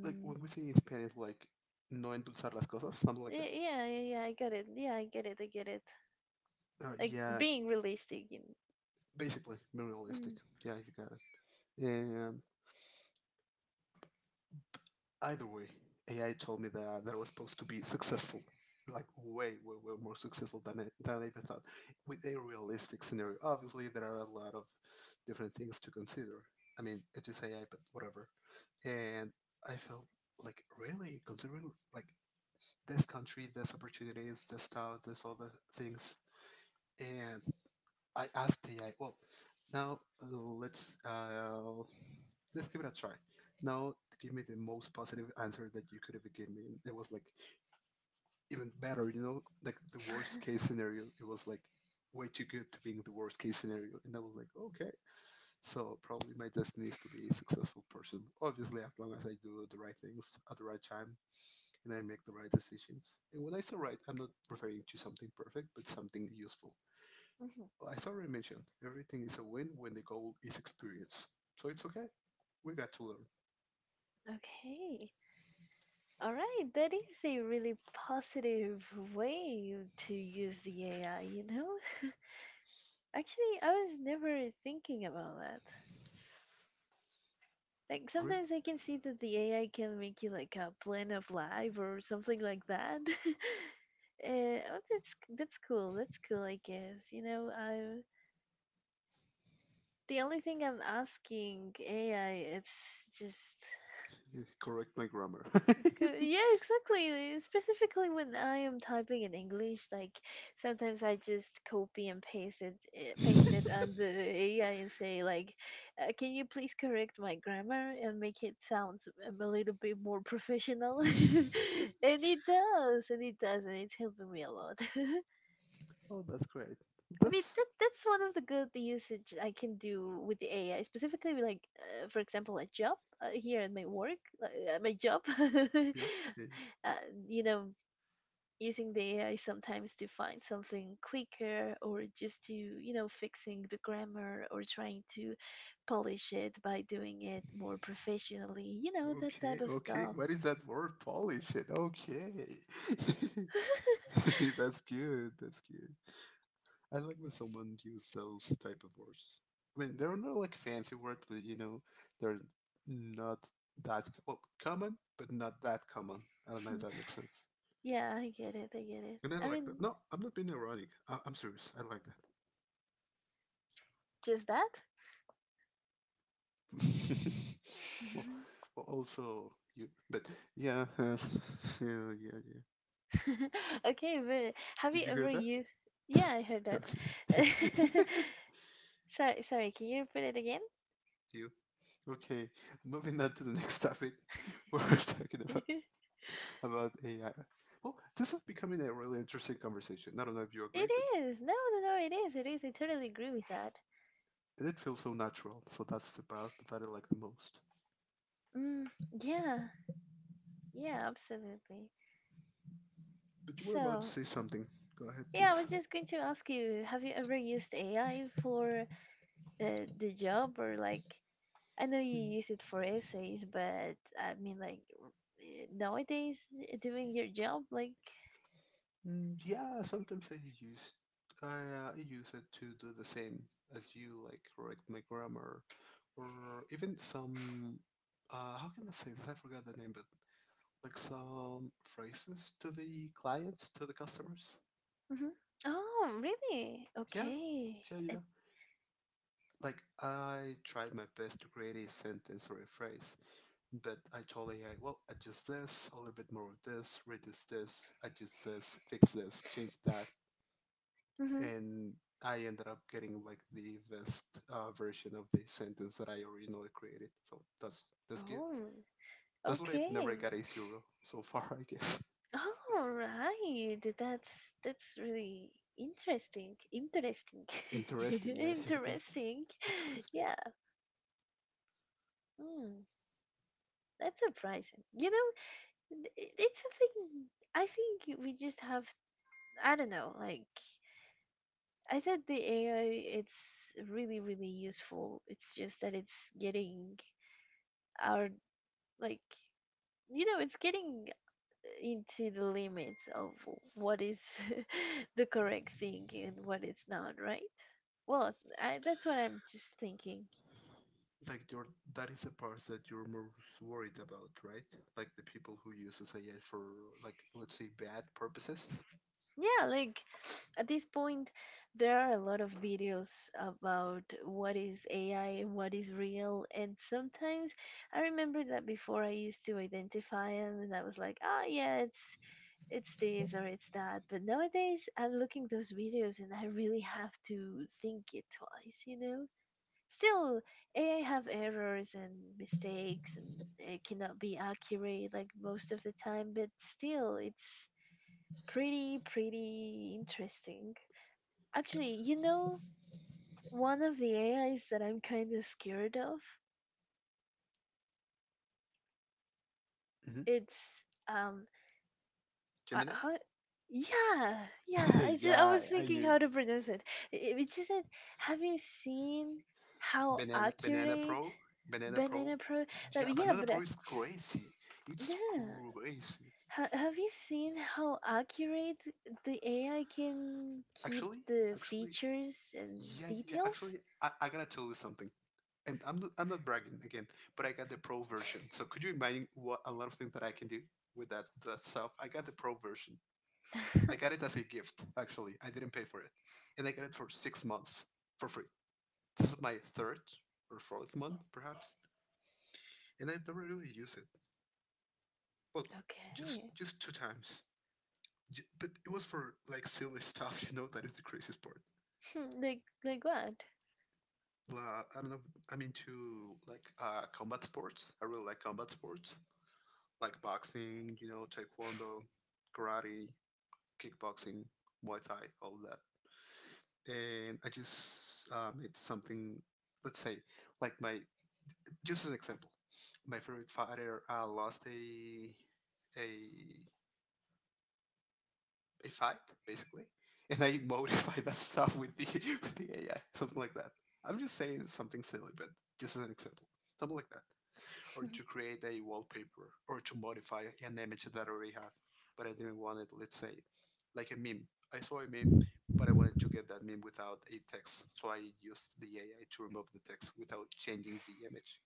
Speaker 2: Like when we say in Spanish, like no endulzar las cosas, something like that.
Speaker 1: y- yeah. I get it. Yeah, I get it. I get it. Like
Speaker 2: Yeah,
Speaker 1: being realistic in.
Speaker 2: basically, more realistic.
Speaker 1: Mm. [LAUGHS]
Speaker 2: Yeah, you got it. And either way, AI told me that I was supposed to be successful, like way more successful than than I even thought, with a realistic scenario. Obviously, there are a lot of different things to consider. I mean, it is AI, but whatever. And I felt like really considering like this country, this opportunities, this stuff, this other things, and I asked AI, well, now let's uh, let's give it a try. Now give me the most positive answer that you could ever give me. And it was like even better, you know, like the worst case scenario. It was like way too good to being the worst case scenario, and I was like, okay. So probably my destiny is to be a successful person. Obviously, as long as I do the right things at the right time and I make the right decisions. And when I say right, I'm not referring to something perfect, but something useful.
Speaker 1: Mhm.
Speaker 2: As I already mentioned, everything is a win when the goal is experience. So it's okay. We got to learn.
Speaker 1: Okay. All right, that is a really positive way to use the AI, you know? [LAUGHS] Actually, I was never thinking about that. Like
Speaker 2: Re-
Speaker 1: sometimes I can see that the AI can make you like a plan of life or something like that. [LAUGHS] Oh, that's cool. That's cool, I guess. You know, I the only thing I'm asking AI, it's just
Speaker 2: Correct my grammar.
Speaker 1: Co-
Speaker 2: [LAUGHS]
Speaker 1: Yeah, exactly. Specifically when I am typing in English, like sometimes I just copy and paste it, paste it on the AI and say like, "Can you please correct my grammar and make it sound a little bit more professional?" [LAUGHS] And it does, and it does, and it's helping me a lot. [LAUGHS]
Speaker 2: Oh, that's great.
Speaker 1: I mean
Speaker 2: That's
Speaker 1: that's one of the good usage I can do with the AI, specifically like for example a job here at my work, at my job. [LAUGHS]
Speaker 2: yeah. yeah. yeah.
Speaker 1: You know, using the AI sometimes to find something quicker or just to, you know, fixing the grammar or trying to polish it by doing it more professionally. You know, that
Speaker 2: Okay,
Speaker 1: type of
Speaker 2: okay.
Speaker 1: stuff.
Speaker 2: What is that word? Polish it. Okay.
Speaker 1: [LAUGHS]
Speaker 2: [LAUGHS] That's good. That's good. I like when someone uses those type of words. I mean, they're not like fancy words, but you know, they're not that well common, but not that common. I don't know if that makes sense.
Speaker 1: Yeah, I get it. I get it.
Speaker 2: And I
Speaker 1: I
Speaker 2: like
Speaker 1: mean,
Speaker 2: that. No, I'm not being ironic. I'm serious. I like
Speaker 1: just that.
Speaker 2: that. [LAUGHS] Well,
Speaker 1: [LAUGHS]
Speaker 2: well, also you, but yeah, [LAUGHS] yeah, yeah, yeah.
Speaker 1: [LAUGHS] Okay, but have you
Speaker 2: Did you hear
Speaker 1: ever
Speaker 2: that?
Speaker 1: used? Yeah, I heard that.
Speaker 2: Okay.
Speaker 1: [LAUGHS]
Speaker 2: [LAUGHS]
Speaker 1: Sorry, sorry, can you repeat it again?
Speaker 2: You. Okay, moving on to the next topic. [LAUGHS] We're talking about
Speaker 1: [LAUGHS]
Speaker 2: [LAUGHS] about AI. Well, this is becoming a really interesting conversation. I don't know if you agree,
Speaker 1: It
Speaker 2: but
Speaker 1: is. No, it is. It is. I totally agree with that.
Speaker 2: it did feel so natural. So that's the part that I like the most.
Speaker 1: Mm, yeah, yeah, absolutely.
Speaker 2: But you were about to
Speaker 1: So,
Speaker 2: say something. Go ahead,
Speaker 1: yeah,
Speaker 2: please.
Speaker 1: I was just going to ask you, have you ever used AI for the job or like, I know you
Speaker 2: Mm,
Speaker 1: use it for essays, but I mean like r- nowadays, doing your job like
Speaker 2: Yeah, sometimes I use it to do the same as you, like correct my grammar, or even some. How can I say this? I forgot the name, but like some phrases to the clients, to the customers.
Speaker 1: Mhm. Oh, really?
Speaker 2: Yeah,
Speaker 1: Okay.
Speaker 2: yeah,
Speaker 1: Uh,
Speaker 2: yeah. Like, I tried my best to create a sentence or a phrase, but I told AI, well, adjust this, a little bit more of this, reduce this, adjust this, fix this, change that.
Speaker 1: mhm.
Speaker 2: And I ended up getting like the best version of the sentence that I originally created. So that's good.
Speaker 1: Oh,
Speaker 2: That's what I've never
Speaker 1: okay.
Speaker 2: got a zero so far, I guess.
Speaker 1: All right. That's really interesting. Interesting.
Speaker 2: [LAUGHS]
Speaker 1: [LAUGHS]
Speaker 2: Interesting, yeah, [LAUGHS] it is
Speaker 1: Interesting.
Speaker 2: interesting.
Speaker 1: Yeah. Mm, that's surprising. You know, it's something I think we just have I don't know, like I thought the AI it's really really useful. It's just that it's getting our, like, you know, it's getting into the limits of what is [LAUGHS] the correct thing and what is not, right? Well, I, that's what I'm just thinking.
Speaker 2: Like you're that is the part that you're most worried about, right? Like the people who uses AI for like let's say bad purposes.
Speaker 1: Yeah, like [SNIFFS] at this point, there are a lot of videos about what is AI and what is real. And sometimes I remember that before I used to identify them and I was like, oh, yeah, it's this or it's that. But nowadays, I'm looking those videos and I really have to think it twice, you know? Still, AI have errors and mistakes, and it cannot be accurate like most of the time. But still, it's pretty pretty interesting. Actually, you know, one of the AIs that I'm kind of scared of.
Speaker 2: Hmm.
Speaker 1: It's um, uh,
Speaker 2: Gemini.
Speaker 1: how, yeah, yeah. I
Speaker 2: [LAUGHS]
Speaker 1: just I
Speaker 2: Yeah,
Speaker 1: was
Speaker 2: I
Speaker 1: thinking
Speaker 2: knew
Speaker 1: how
Speaker 2: it.
Speaker 1: to pronounce it. It just said, have you seen how
Speaker 2: Banana
Speaker 1: accurate
Speaker 2: Pro. Banana Pro.
Speaker 1: banana pro? Like,
Speaker 2: Yeah,
Speaker 1: yeah,
Speaker 2: Banana
Speaker 1: but.
Speaker 2: Pro is crazy. It's
Speaker 1: Yeah,
Speaker 2: crazy.
Speaker 1: Ha- have you seen how accurate the AI can keep
Speaker 2: Actually,
Speaker 1: the
Speaker 2: actually,
Speaker 1: features and
Speaker 2: yeah, yeah. yeah,
Speaker 1: details?
Speaker 2: Actually, I gotta tell you something. And I'm not bragging again, but I got the pro version. So could you imagine what a lot of things that I can do with that stuff? I got the pro version. I
Speaker 1: [LAUGHS]
Speaker 2: got it as a gift, actually. I didn't pay for it. And I got it for 6 months for free. This is my third or fourth month, perhaps. And I never really used it. Well, just
Speaker 1: Okay.
Speaker 2: just two times. But it was for like silly [LAUGHS] stuff, that is the craziest part.
Speaker 1: Hmm, like what?
Speaker 2: La I don't know. I'm into like combat sports. I really like combat sports, like boxing, taekwondo, karate, kickboxing, muay thai, all of that. And I just made something, let's say, like my just as an example, my favorite fighter lost a a fight, basically, and I modify that [LAUGHS] stuff with the [LAUGHS] with the AI, something like that. I'm just saying something silly, but just as an example, something like that,
Speaker 1: [LAUGHS]
Speaker 2: or
Speaker 1: And
Speaker 2: to create a wallpaper or to modify an image that I already have, but I didn't want it. Let's say, like a meme. I saw a meme, but I wanted to get that meme without a text, so I used the AI to remove the text without changing the image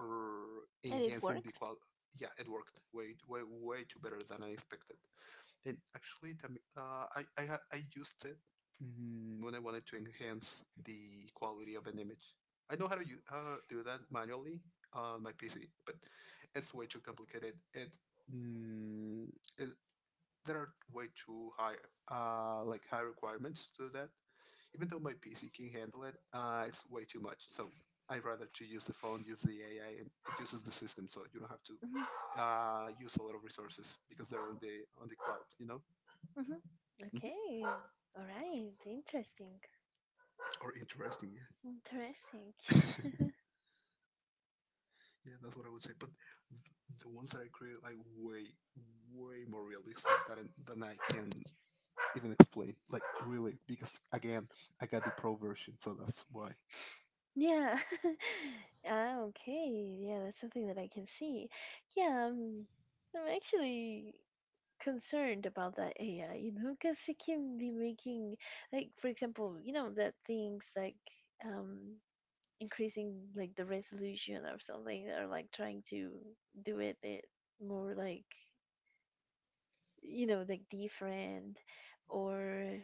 Speaker 2: or
Speaker 1: it
Speaker 2: enhancing the
Speaker 1: worked?
Speaker 2: quality. Yeah, it worked way, way, way too better than I expected. And actually, the mi- I, ha- I used it when I wanted to enhance the quality of an image. I know how to how to do that manually on my PC, but it's way too complicated. It, mm, it There are way too high, like high requirements to do that, even though my PC can handle it, it's way too much. So I'd rather to use the phone, use the AI, and it uses the system, so you don't have to
Speaker 1: Hmm.
Speaker 2: use a lot of resources because they're on the cloud.
Speaker 1: Hmm.
Speaker 2: Mhm.
Speaker 1: Okay. All right. Interesting.
Speaker 2: Or interesting, yeah,
Speaker 1: Interesting.
Speaker 2: yeah, that's what I would say. But the ones that I create are, like, way, way more realistic than I can even explain. Like really, because again, I got the pro version, so that's why.
Speaker 1: [LAUGHS] Yeah. [LAUGHS] Ah, okay. Yeah, that's something that I can see. Yeah, I'm actually concerned about that AI, you know, because it can be making, like, for example, you know, that things like um, increasing like the resolution or something, or like trying to do it, it more like, you know, like different or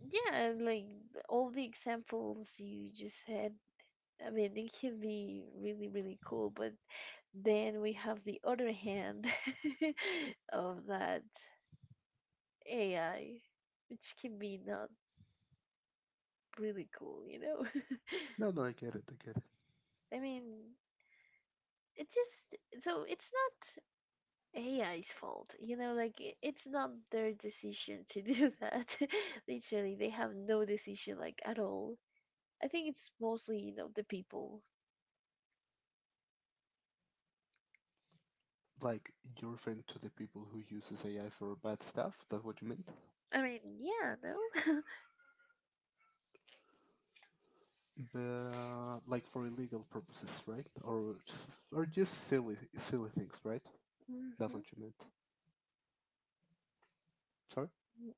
Speaker 1: yeah, and, like all the examples you just had. I mean, it can be really, really cool, but then we have the other hand [LAUGHS] of that AI, which can be not really cool, you know?
Speaker 2: No,
Speaker 1: [LAUGHS]
Speaker 2: no, I get it, I get it.
Speaker 1: I mean, it just so it's not AI's fault, you know, like it's not their decision to do [LAUGHS] that. [LAUGHS] Literally, they have no decision like at all. I think it's mostly, you know, the people.
Speaker 2: Like you're referring to the people who uses AI for bad stuff. That's what you meant.
Speaker 1: I mean, yeah, no. [LAUGHS]
Speaker 2: The like for illegal purposes, right? Or or just silly silly things, right? That's
Speaker 1: Hmm.
Speaker 2: what you meant. Sorry.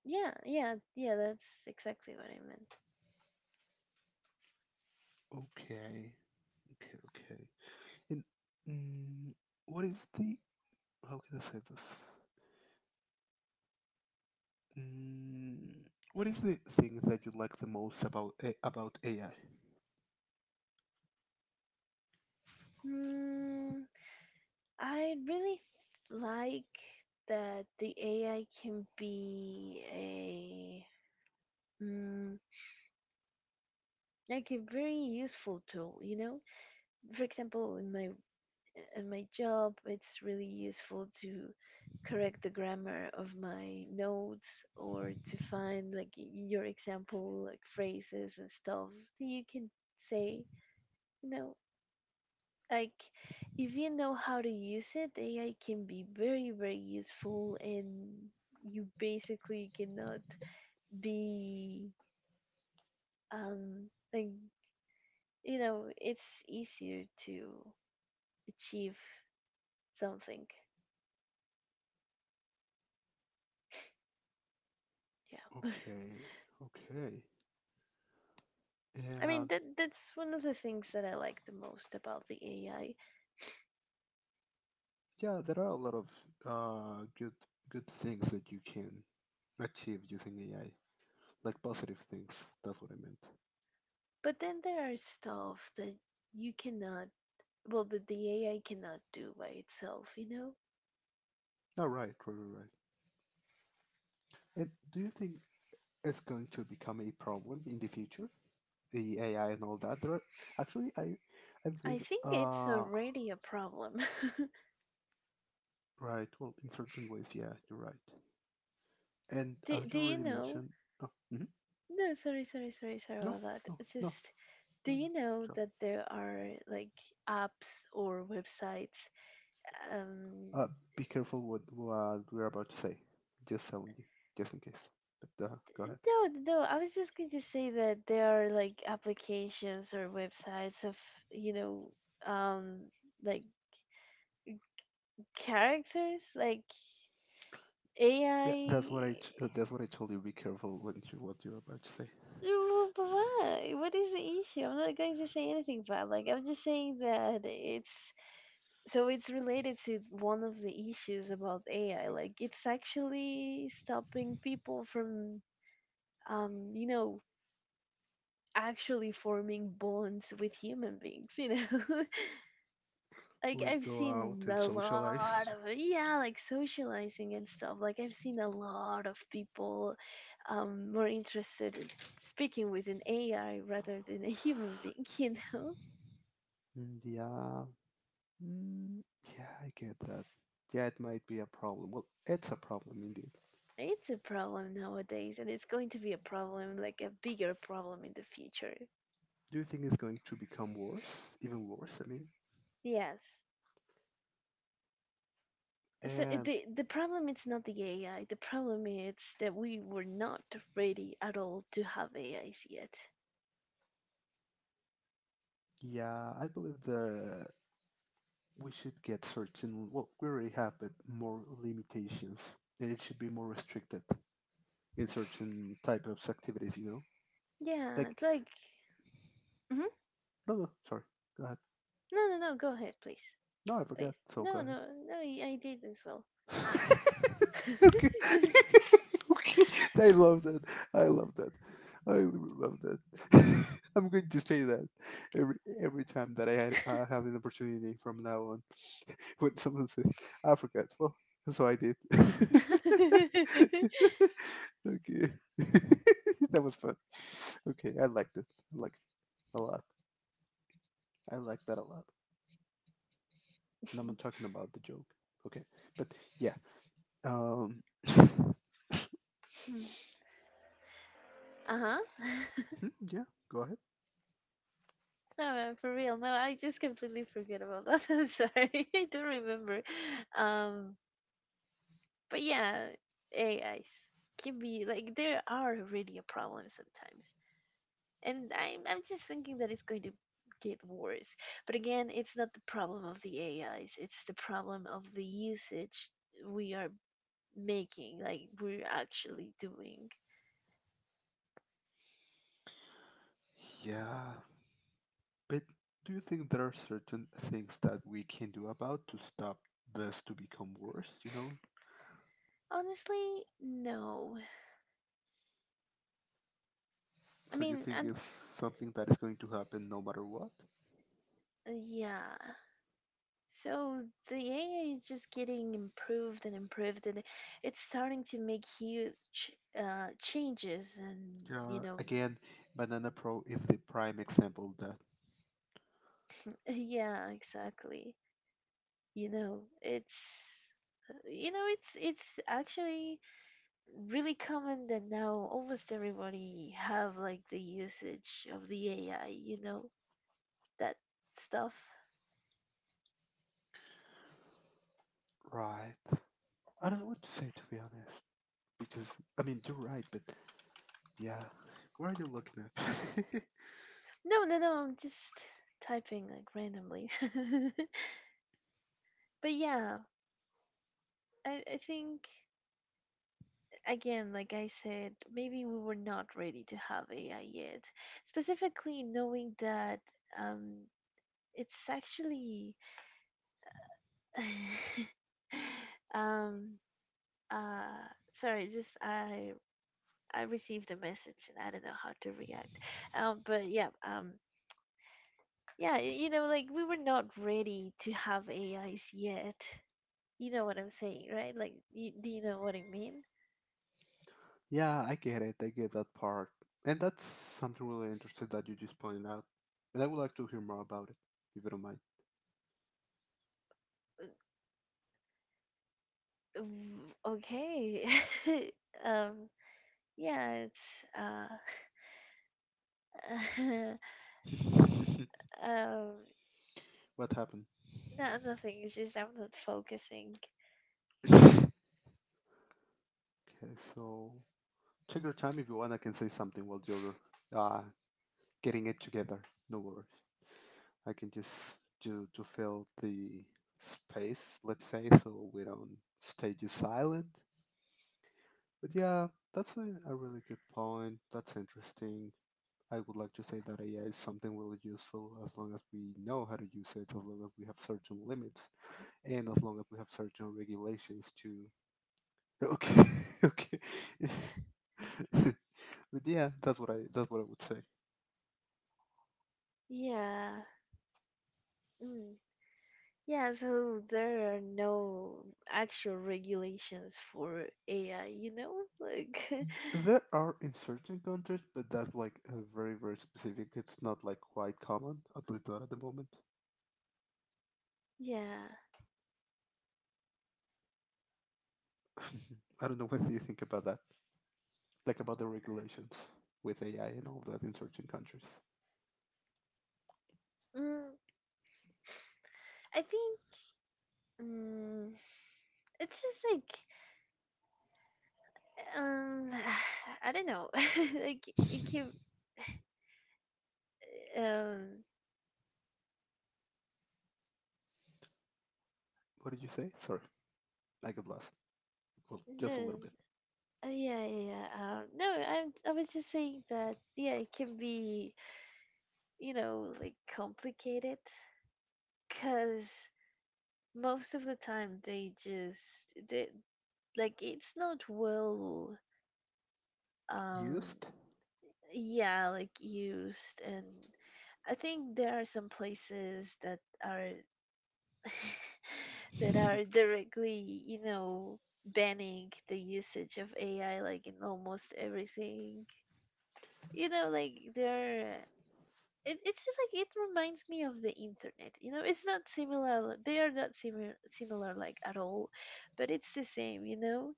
Speaker 1: Yeah, yeah, yeah, that's exactly what I meant.
Speaker 2: Okay. Okay. Okay. And mm, what is the how can I say this? Mm, what is the thing that you like the most about AI?
Speaker 1: Mm, I really like that the AI can be a mm, like a very useful tool, you know? For example, in my job, it's really useful to correct the grammar of my notes or to find like y- your example like phrases and stuff that you can say, you know, like if you know how to use it, AI can be very very useful, and you basically cannot be like, you know, it's easier to achieve something, yeah.
Speaker 2: Okay. Okay.
Speaker 1: [LAUGHS] I
Speaker 2: Yeah.
Speaker 1: mean that's one of the things that I like the most about the AI,
Speaker 2: Yeah. There are a lot of uh good good things that you can achieve using AI, like positive things. That's what I meant.
Speaker 1: but then there are stuff that you cannot well that the AI cannot do by itself, you know.
Speaker 2: Oh, right, right, right, right. And do you think it's going to become a problem in the future? The AI and all that. There are Actually, I
Speaker 1: I
Speaker 2: believe.
Speaker 1: think it's already a problem.
Speaker 2: Right. Well, in certain ways, yeah, you're right. And
Speaker 1: [LAUGHS] do,
Speaker 2: as
Speaker 1: do
Speaker 2: you
Speaker 1: you
Speaker 2: already
Speaker 1: know
Speaker 2: mentioned, no, mhm,
Speaker 1: No, sorry
Speaker 2: no,
Speaker 1: about that.
Speaker 2: no,
Speaker 1: It's
Speaker 2: no,
Speaker 1: just, do
Speaker 2: no.
Speaker 1: you
Speaker 2: No.
Speaker 1: know
Speaker 2: So,
Speaker 1: that there are like apps or websites? Um,
Speaker 2: uh, be careful what we're about to say. Just telling you, just in case. But go ahead.
Speaker 1: no, no, I was just going to say that there are like applications or websites of, you know, um, like characters, like
Speaker 2: Yeah, that's what I. t- uh,
Speaker 1: AI.
Speaker 2: That's what I told you. Be careful when you, what you're about to say.
Speaker 1: But why? What is the issue? I'm not going to say anything bad. Like, I'm just saying that it's so it's related to one of the issues about AI. Like it's actually stopping people from, you know, actually forming bonds with human beings. You know, [LAUGHS] like
Speaker 2: Like,
Speaker 1: I've
Speaker 2: go
Speaker 1: seen
Speaker 2: out and
Speaker 1: a lot
Speaker 2: socialize.
Speaker 1: of yeah, like socializing and stuff. Like I've seen a lot of people, more interested in speaking with an AI rather than a human being. [LAUGHS] You know.
Speaker 2: Mm, yeah. Mm, yeah, I get that. Yeah, it might be a problem. Well, it's a problem indeed.
Speaker 1: It's a problem nowadays, and it's going to be a problem, like a bigger problem in the future.
Speaker 2: Do you think it's going to become worse? Even worse, I mean?
Speaker 1: Yes. So it-
Speaker 2: And
Speaker 1: the problem it's not the AI. The problem is that we were not ready at all to have AIs yet.
Speaker 2: yeah, I believe the we should get certain, well, we already have, but more limitations. And it should be more restricted in certain type of activities, you know?
Speaker 1: Yeah,
Speaker 2: Like,
Speaker 1: it's like hmm
Speaker 2: no, no, sorry. Go ahead.
Speaker 1: no no no. Go ahead, please,
Speaker 2: No, I forgot.
Speaker 1: please.
Speaker 2: So go
Speaker 1: No
Speaker 2: ahead.
Speaker 1: no no. y- I did as well.
Speaker 2: [LAUGHS] Okay.
Speaker 1: [LAUGHS]
Speaker 2: [LAUGHS] Okay. I love that. I love that. I really love that. [LAUGHS] I'm going to say that every every time that I have an opportunity from now on. [LAUGHS] When someone says Africa, well, so I did. [LAUGHS] Okay, [LAUGHS] that was fun. Okay, I liked it. I liked it a lot. I liked that a lot. And I'm not talking about the joke. Okay, but yeah. Um. Mhm,
Speaker 1: uh huh. [LAUGHS]
Speaker 2: yeah. Go ahead.
Speaker 1: No, for real. No, I just completely forget about that. [LAUGHS] I'm sorry. [LAUGHS] I don't remember. Um, but yeah, AIs can be like there are really a problem sometimes, and I'm just thinking that it's going to get worse. But again, it's not the problem of the AIs. It's the problem of the usage we are making, like we're actually doing.
Speaker 2: Yeah, but do you think there are certain things that we can do about to stop this to become worse, you know?
Speaker 1: Honestly, no. I
Speaker 2: So you
Speaker 1: mean,
Speaker 2: think
Speaker 1: I'm
Speaker 2: it's something that is going to happen no matter what?
Speaker 1: yeah. So the AI is just getting improved and improved, and it's starting to make huge changes. And you
Speaker 2: Yeah,
Speaker 1: know,
Speaker 2: again, Banana Pro is the prime example of that.
Speaker 1: [LAUGHS] yeah, exactly. You know it's you know it's actually really common that now almost everybody have like the usage of the AI, you know, that stuff.
Speaker 2: Right. I don't know what to say, to be honest. Because I mean you're right, but yeah. What are you looking at?
Speaker 1: No, no, no, I'm just typing like randomly. [LAUGHS] But yeah, I think, again, like I said, maybe we were not ready to have AI yet, specifically knowing that um it's actually [LAUGHS] um uh sorry, just I received a message and I don't know how to react. But yeah, yeah, you know, like we were not ready to have AIs yet. You know what I'm saying, right? Like you, do you know what I mean?
Speaker 2: [LAUGHS] Yeah, I get it, I get that part. And that's something really interesting that you just pointed out. And I would like to hear more about it, if you don't mind.
Speaker 1: Mm, okay. [LAUGHS] um yeah, it's uh [LAUGHS]
Speaker 2: [LAUGHS]
Speaker 1: um
Speaker 2: What happened?
Speaker 1: no, nothing, it's just I'm not focusing.
Speaker 2: Okay, so check your time if you want. I can say something while you're uh, getting it together. No worries. I can just do to fill the space, let's say, so we don't stay just silent. But yeah, that's a really good point. That's interesting. I would like to say that AI is something really useful as long as we know how to use it, as long as we have certain limits, and as long as we have certain regulations to. Okay, [LAUGHS] okay. [LAUGHS] But yeah, that's what I would say.
Speaker 1: Yeah. Mm. Yeah, so there are no actual regulations for AI, you know? Like, [LAUGHS]
Speaker 2: There are in certain countries, but that's like very very specific. It's not like quite common, at least not at the moment.
Speaker 1: yeah.
Speaker 2: [LAUGHS] I don't know what do you think about that, like about the regulations with AI and all that in certain countries.
Speaker 1: Mm, I think, mm, it's just like, um, [SIGHS] I don't know. [LAUGHS] Like, it can, um,
Speaker 2: What did you say? Sorry, I got lost. Well, just a
Speaker 1: no,
Speaker 2: little bit.
Speaker 1: uh, yeah, yeah, yeah. No, I was just saying that, yeah, it can be, you know, like complicated because most of the time they, like it's not well um
Speaker 2: Used?
Speaker 1: yeah, like used. And I think there are some places that are [LAUGHS] that are directly, you know, banning the usage of AI like in almost everything, you know, like they're, it's just like it reminds me of the internet. You know, it's not similar, they are not similar like at all, but it's the same, you know.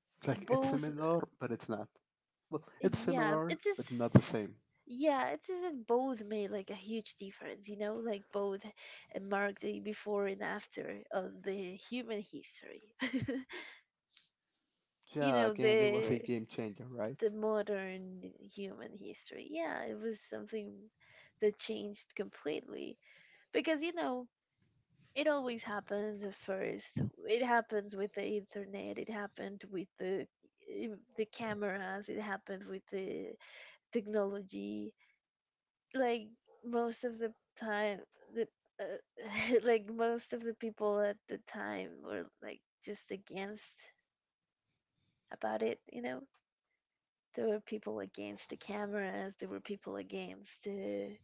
Speaker 2: [LAUGHS] Like it's
Speaker 1: Both.
Speaker 2: similar, but it's not. Well, it's
Speaker 1: Yeah,
Speaker 2: similar,
Speaker 1: it just.
Speaker 2: but not the same.
Speaker 1: Yeah, it's just that both made like a huge difference, you know, like both marked the before and after of the human history. [LAUGHS] You
Speaker 2: Yeah,
Speaker 1: know,
Speaker 2: again, it was a
Speaker 1: the
Speaker 2: game changer, right?
Speaker 1: modern human history. Yeah, it was something that changed completely because, you know, it always happens at first. It happens with the internet, it happened with the eh, the cameras, it happened with the technology. Like most of the time, the [LAUGHS] like most of the people at the time were like just against about it, you know. There were people against the cameras, there were people against the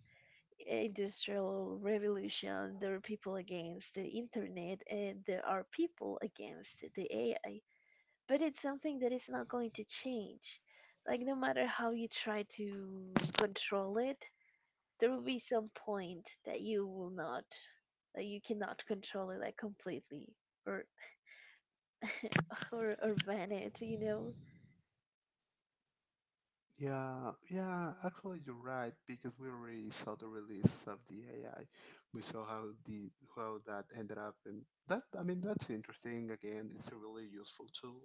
Speaker 1: industrial revolution, there were people against the internet, and there are people against the AI. But it's something that is not going to change, like no matter how you try to control it, there will be some point that you will not, that you cannot control it like completely, or or ban it, you know.
Speaker 2: Yeah, yeah, actually you're right, because we already saw the release of the AI. We saw how that ended up, and that I mean that's interesting. Again, it's a really useful tool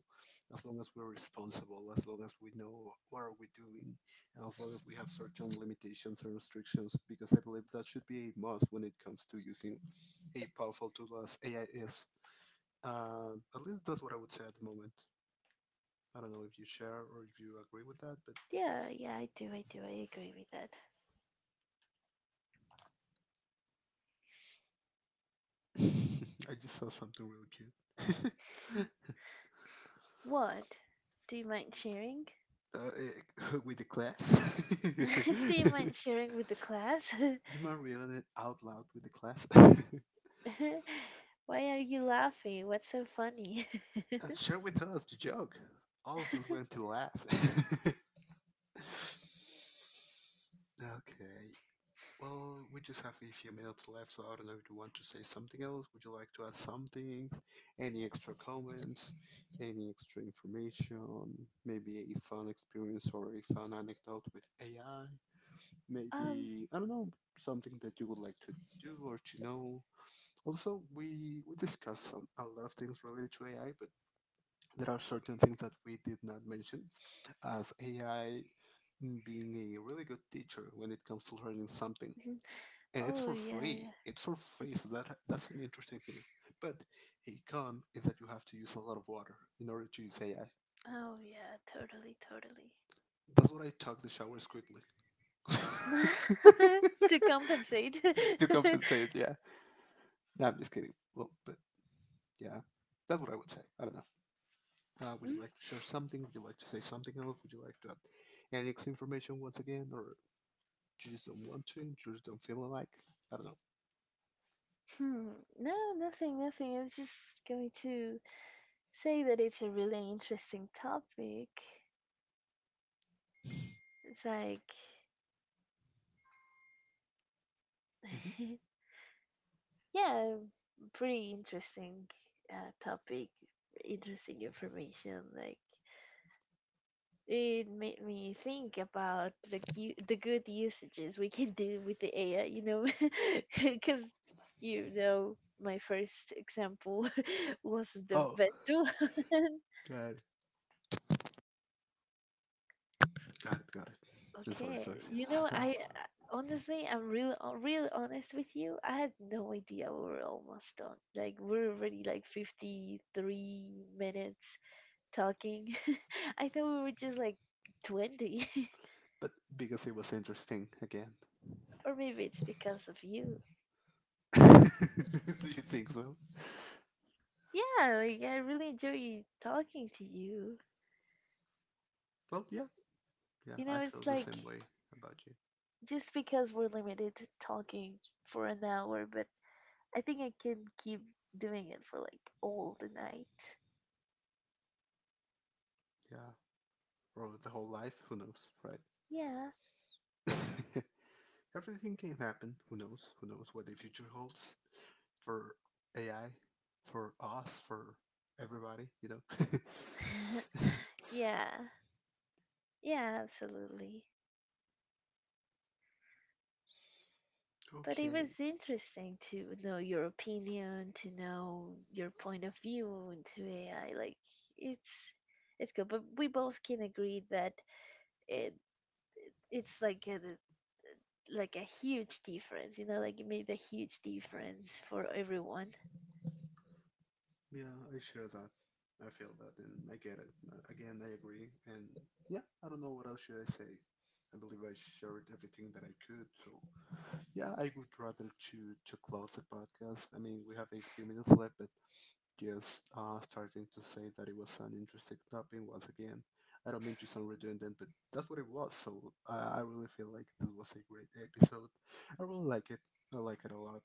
Speaker 2: as long as we're responsible, as long as we know what are we doing, and as long as we have certain limitations and restrictions because I believe that should be a must when it comes to using a powerful tool as AI is. At least that's what I would say at the moment. I don't know if you share or if you agree with that, but.
Speaker 1: Yeah, yeah, I do, I agree with that.
Speaker 2: [LAUGHS] I just saw something really cute.
Speaker 1: Mm. What, do you mind sharing?
Speaker 2: [LAUGHS] [LAUGHS] With the class.
Speaker 1: [LAUGHS] Do
Speaker 2: [LAUGHS]
Speaker 1: you
Speaker 2: Do
Speaker 1: mind sharing with the class?
Speaker 2: you mind reading it out loud with the class? [LAUGHS]
Speaker 1: [LAUGHS] Why are you laughing? What's so funny?
Speaker 2: Share with us the joke. All of us went to
Speaker 1: [LAUGHS]
Speaker 2: laugh. [LAUGHS] Okay. Well, we just have a few minutes left, so I don't know if you want to say something else. Would you like to add something? Any extra comments? Any extra information? Maybe a fun experience or a fun anecdote with AI?
Speaker 1: um
Speaker 2: Maybe I don't know, something that you would like to do or to know. Also, we discussed some, a lot of things related to AI, but there are certain things that we did not mention, as AI being a really good teacher when it comes to learning something,
Speaker 1: mhm.
Speaker 2: and it's
Speaker 1: Oh
Speaker 2: for
Speaker 1: yeah,
Speaker 2: free.
Speaker 1: yeah.
Speaker 2: It's for free, so that's an interesting thing. But a con is that you have to use a lot of water in order to use AI.
Speaker 1: Oh yeah, totally, totally.
Speaker 2: That's what I took the showers quickly.
Speaker 1: [LAUGHS] To compensate.
Speaker 2: [LAUGHS] To compensate,
Speaker 1: [LAUGHS]
Speaker 2: yeah. No, I'm just kidding. Well, but yeah, that's what I would say. I don't know. Would you
Speaker 1: Mm.
Speaker 2: like to share something? Would you like to say something else? Would you like to add any extra information once again, or you just don't want to? You just don't feel like? I don't know.
Speaker 1: Hmm. No, nothing, nothing. I was just going to say that it's a really interesting topic. It's like,
Speaker 2: Hmm.
Speaker 1: [LAUGHS] yeah, pretty interesting topic, interesting information. Like, it made me think about the the good usages we can do with the AI. You know, [LAUGHS] because you know my first example [LAUGHS] was the
Speaker 2: Oh,
Speaker 1: best one. [LAUGHS]
Speaker 2: got it, got it, got it. I'm sorry, sorry.
Speaker 1: Okay, you know,
Speaker 2: [SIGHS] [LAUGHS]
Speaker 1: honestly, I'm real, real honest with you. I had no idea we were almost done. Like we're already like 53 minutes talking. [LAUGHS] I thought we were just like 20, [LAUGHS]
Speaker 2: But because it was interesting again.
Speaker 1: or maybe it's because of you.
Speaker 2: [LAUGHS] Do you think so?
Speaker 1: Yeah, like I really enjoy talking to you.
Speaker 2: Well, yeah, yeah,
Speaker 1: You
Speaker 2: I
Speaker 1: know,
Speaker 2: feel
Speaker 1: it's
Speaker 2: the
Speaker 1: like
Speaker 2: same way about you.
Speaker 1: just because we're limited to talking for an hour, but I think I can keep doing it for like all the night.
Speaker 2: Yeah, or the whole life, who knows, right?
Speaker 1: Yeah.
Speaker 2: [LAUGHS] Everything can happen, who knows what the future holds for AI, for us, for everybody, you
Speaker 1: [LAUGHS]
Speaker 2: know? [LAUGHS]
Speaker 1: Yeah, yeah, absolutely. But it
Speaker 2: Okay.
Speaker 1: was interesting to know your opinion, to know your point of view into AI. Like, it's it's good, but we both can agree that it it's like a huge difference. You know, like it made a huge difference for everyone.
Speaker 2: Yeah, I share that. I feel that, and I get it. Again, I agree. And yeah, I don't know what else should I say. I believe I shared everything that I could. So yeah, I would rather to close the podcast. I mean, we have a few minutes left, but just starting to say that it was an interesting topic once again. I don't mean to sound redundant, but that's what it was. So I really feel like this was a great episode. I really like it. I like it a lot,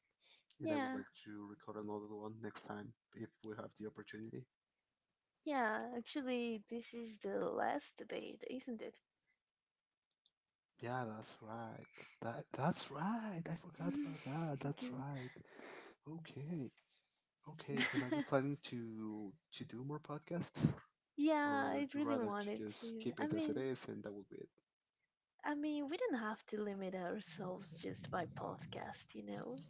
Speaker 2: and I would
Speaker 1: Yeah,
Speaker 2: like to record another one next time if we have the opportunity.
Speaker 1: yeah. Actually, this is the last debate, isn't it?
Speaker 2: Yeah, that's right. That's right. I forgot about that. That's
Speaker 1: [LAUGHS]
Speaker 2: right. Okay. Okay. And are you
Speaker 1: [LAUGHS]
Speaker 2: planning to do more podcasts, or
Speaker 1: Yeah, I
Speaker 2: would you
Speaker 1: really
Speaker 2: rather to
Speaker 1: wanted
Speaker 2: just
Speaker 1: to.
Speaker 2: keep it as it is and that will be it?
Speaker 1: I mean, we don't have to limit ourselves just by podcast, you know?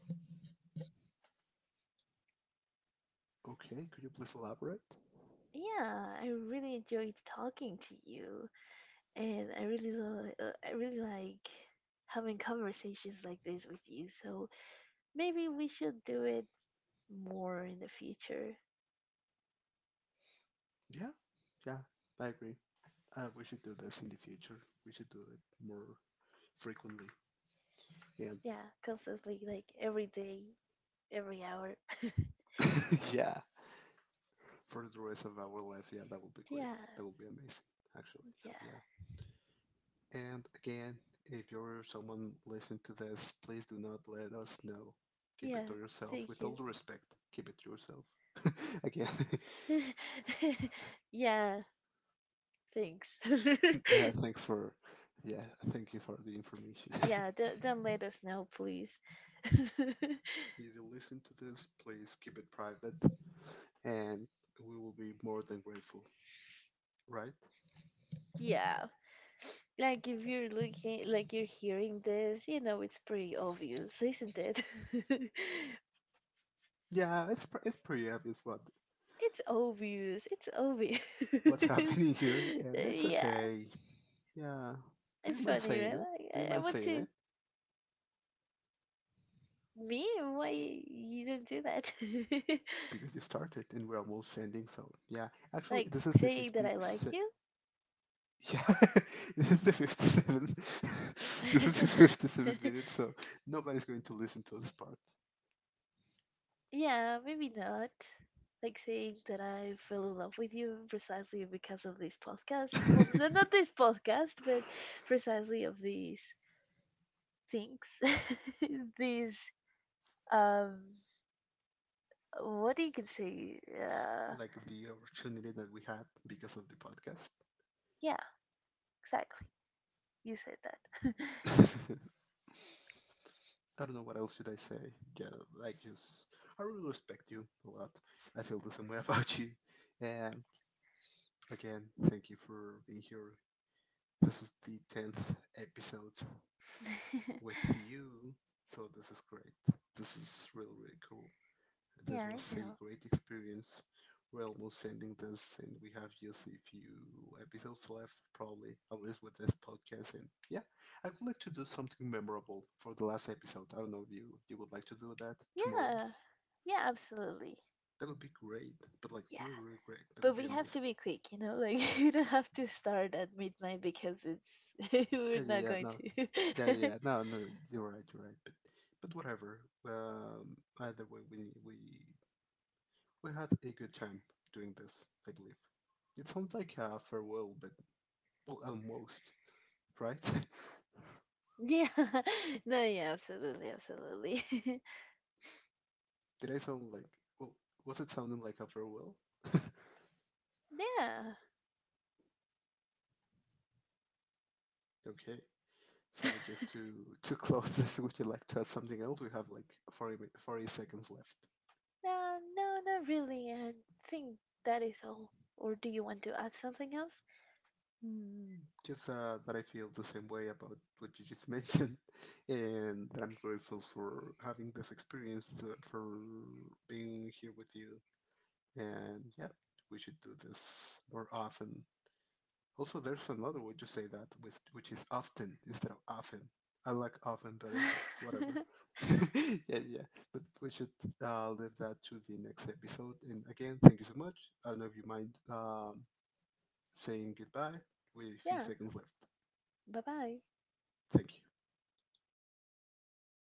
Speaker 2: Okay. Could you please elaborate?
Speaker 1: Yeah, I really enjoyed talking to you, and I really, I really like having conversations like this with you. So maybe we should do it more in the future.
Speaker 2: Yeah. Yeah. I agree. We should do this in the future. We should do it more frequently. And
Speaker 1: Yeah, constantly, like every day, every hour. [LAUGHS]
Speaker 2: [LAUGHS] yeah, for the rest of our life, yeah, that would be great.
Speaker 1: Yeah,
Speaker 2: That would be amazing, actually.
Speaker 1: yeah,
Speaker 2: So yeah. And again, if you're someone listening to this, please do not let us know. Keep it
Speaker 1: yeah.
Speaker 2: to yourself.
Speaker 1: Thank
Speaker 2: With all
Speaker 1: you.
Speaker 2: due respect, keep it to yourself. [LAUGHS] Again,
Speaker 1: [LAUGHS] Yeah, thanks.
Speaker 2: [LAUGHS] yeah,
Speaker 1: [LAUGHS]
Speaker 2: thanks for, yeah, thank you for the information. [LAUGHS] If
Speaker 1: Yeah, then let us know, please. [LAUGHS]
Speaker 2: you listen to this, please keep it private, and we will be more than grateful, right?
Speaker 1: Yeah, like if you're looking, like you're hearing this, you know, it's pretty obvious, isn't it? [LAUGHS]
Speaker 2: Yeah, it's it's pretty obvious what
Speaker 1: It's obvious. It's obvious.
Speaker 2: what's [LAUGHS]
Speaker 1: [LAUGHS]
Speaker 2: happening here, and it's
Speaker 1: Yeah,
Speaker 2: okay. Yeah. Do
Speaker 1: it's
Speaker 2: you mind
Speaker 1: funny,
Speaker 2: saying
Speaker 1: right?
Speaker 2: it?
Speaker 1: Like
Speaker 2: Do you
Speaker 1: I
Speaker 2: mind
Speaker 1: want
Speaker 2: saying
Speaker 1: to
Speaker 2: it?
Speaker 1: me. Why you don't do that? [LAUGHS]
Speaker 2: Because you started and we're almost ending. So yeah, actually,
Speaker 1: Like
Speaker 2: this is the
Speaker 1: saying that
Speaker 2: 50.
Speaker 1: I like
Speaker 2: Se-
Speaker 1: you.
Speaker 2: [LAUGHS] yeah, [LAUGHS] this is the 57. [LAUGHS] This is the fifty-seven
Speaker 1: [LAUGHS]
Speaker 2: minutes. So nobody's going to listen to this part.
Speaker 1: Yeah, maybe not. Like saying that I fell in love with you precisely because of this podcast.
Speaker 2: [LAUGHS]
Speaker 1: Well, not this podcast, but precisely of these things. [LAUGHS] These, um, what do you can say?
Speaker 2: Like the opportunity that we had because of the podcast.
Speaker 1: Yeah, exactly. You said that.
Speaker 2: [LAUGHS] I don't know what else should I say. Yeah, like just I really respect you a lot. I feel the same way [LAUGHS] about you. And again, thank you for being here. This is the tenth episode with
Speaker 1: [LAUGHS]
Speaker 2: you. So this is great. This is really really cool.
Speaker 1: Yeah,
Speaker 2: This
Speaker 1: I
Speaker 2: was a
Speaker 1: know.
Speaker 2: great experience. We're almost ending this, and we have just a few episodes left, probably at least with this podcast. And yeah, I would like to do something memorable for the last episode. I don't know if you would like to do that tomorrow.
Speaker 1: Yeah, yeah, absolutely.
Speaker 2: That would be great, but like
Speaker 1: Yeah.
Speaker 2: really really great. That
Speaker 1: But
Speaker 2: would be
Speaker 1: we have to
Speaker 2: amazing.
Speaker 1: be quick, you know, like [LAUGHS] we don't have to start at midnight because it's [LAUGHS] we're
Speaker 2: Yeah, yeah,
Speaker 1: not
Speaker 2: yeah,
Speaker 1: going
Speaker 2: no,
Speaker 1: to.
Speaker 2: yeah, yeah,
Speaker 1: [LAUGHS]
Speaker 2: yeah. No, no. You're right, you're right. But whatever. Either way, we had a good time doing this, I believe. It sounds like a farewell, but well, almost, right?
Speaker 1: Yeah. [LAUGHS] No, yeah, absolutely, absolutely. [LAUGHS]
Speaker 2: [LAUGHS] Did I sound like, well? Was it sounding like a farewell?
Speaker 1: Yeah.
Speaker 2: Okay. So
Speaker 1: [LAUGHS]
Speaker 2: just to [LAUGHS] close this, would you like to add something else? We have like 40 seconds left.
Speaker 1: No, no, not really. I think that is all. Or do you want to add something else?
Speaker 2: Mm, just that I feel the same way about what you just mentioned, [LAUGHS] and that I'm grateful for having this experience, for being here with you. And yeah, we should do this more often. Also, there's another way to say that, with, which is often instead of often. I like often better, but whatever.
Speaker 1: [LAUGHS]
Speaker 2: [LAUGHS] Yeah, yeah. But we should leave that to the next episode. And again, thank you so much. I don't know if you mind saying goodbye with a few
Speaker 1: Yeah.
Speaker 2: seconds left.
Speaker 1: Bye-bye.
Speaker 2: Thank you.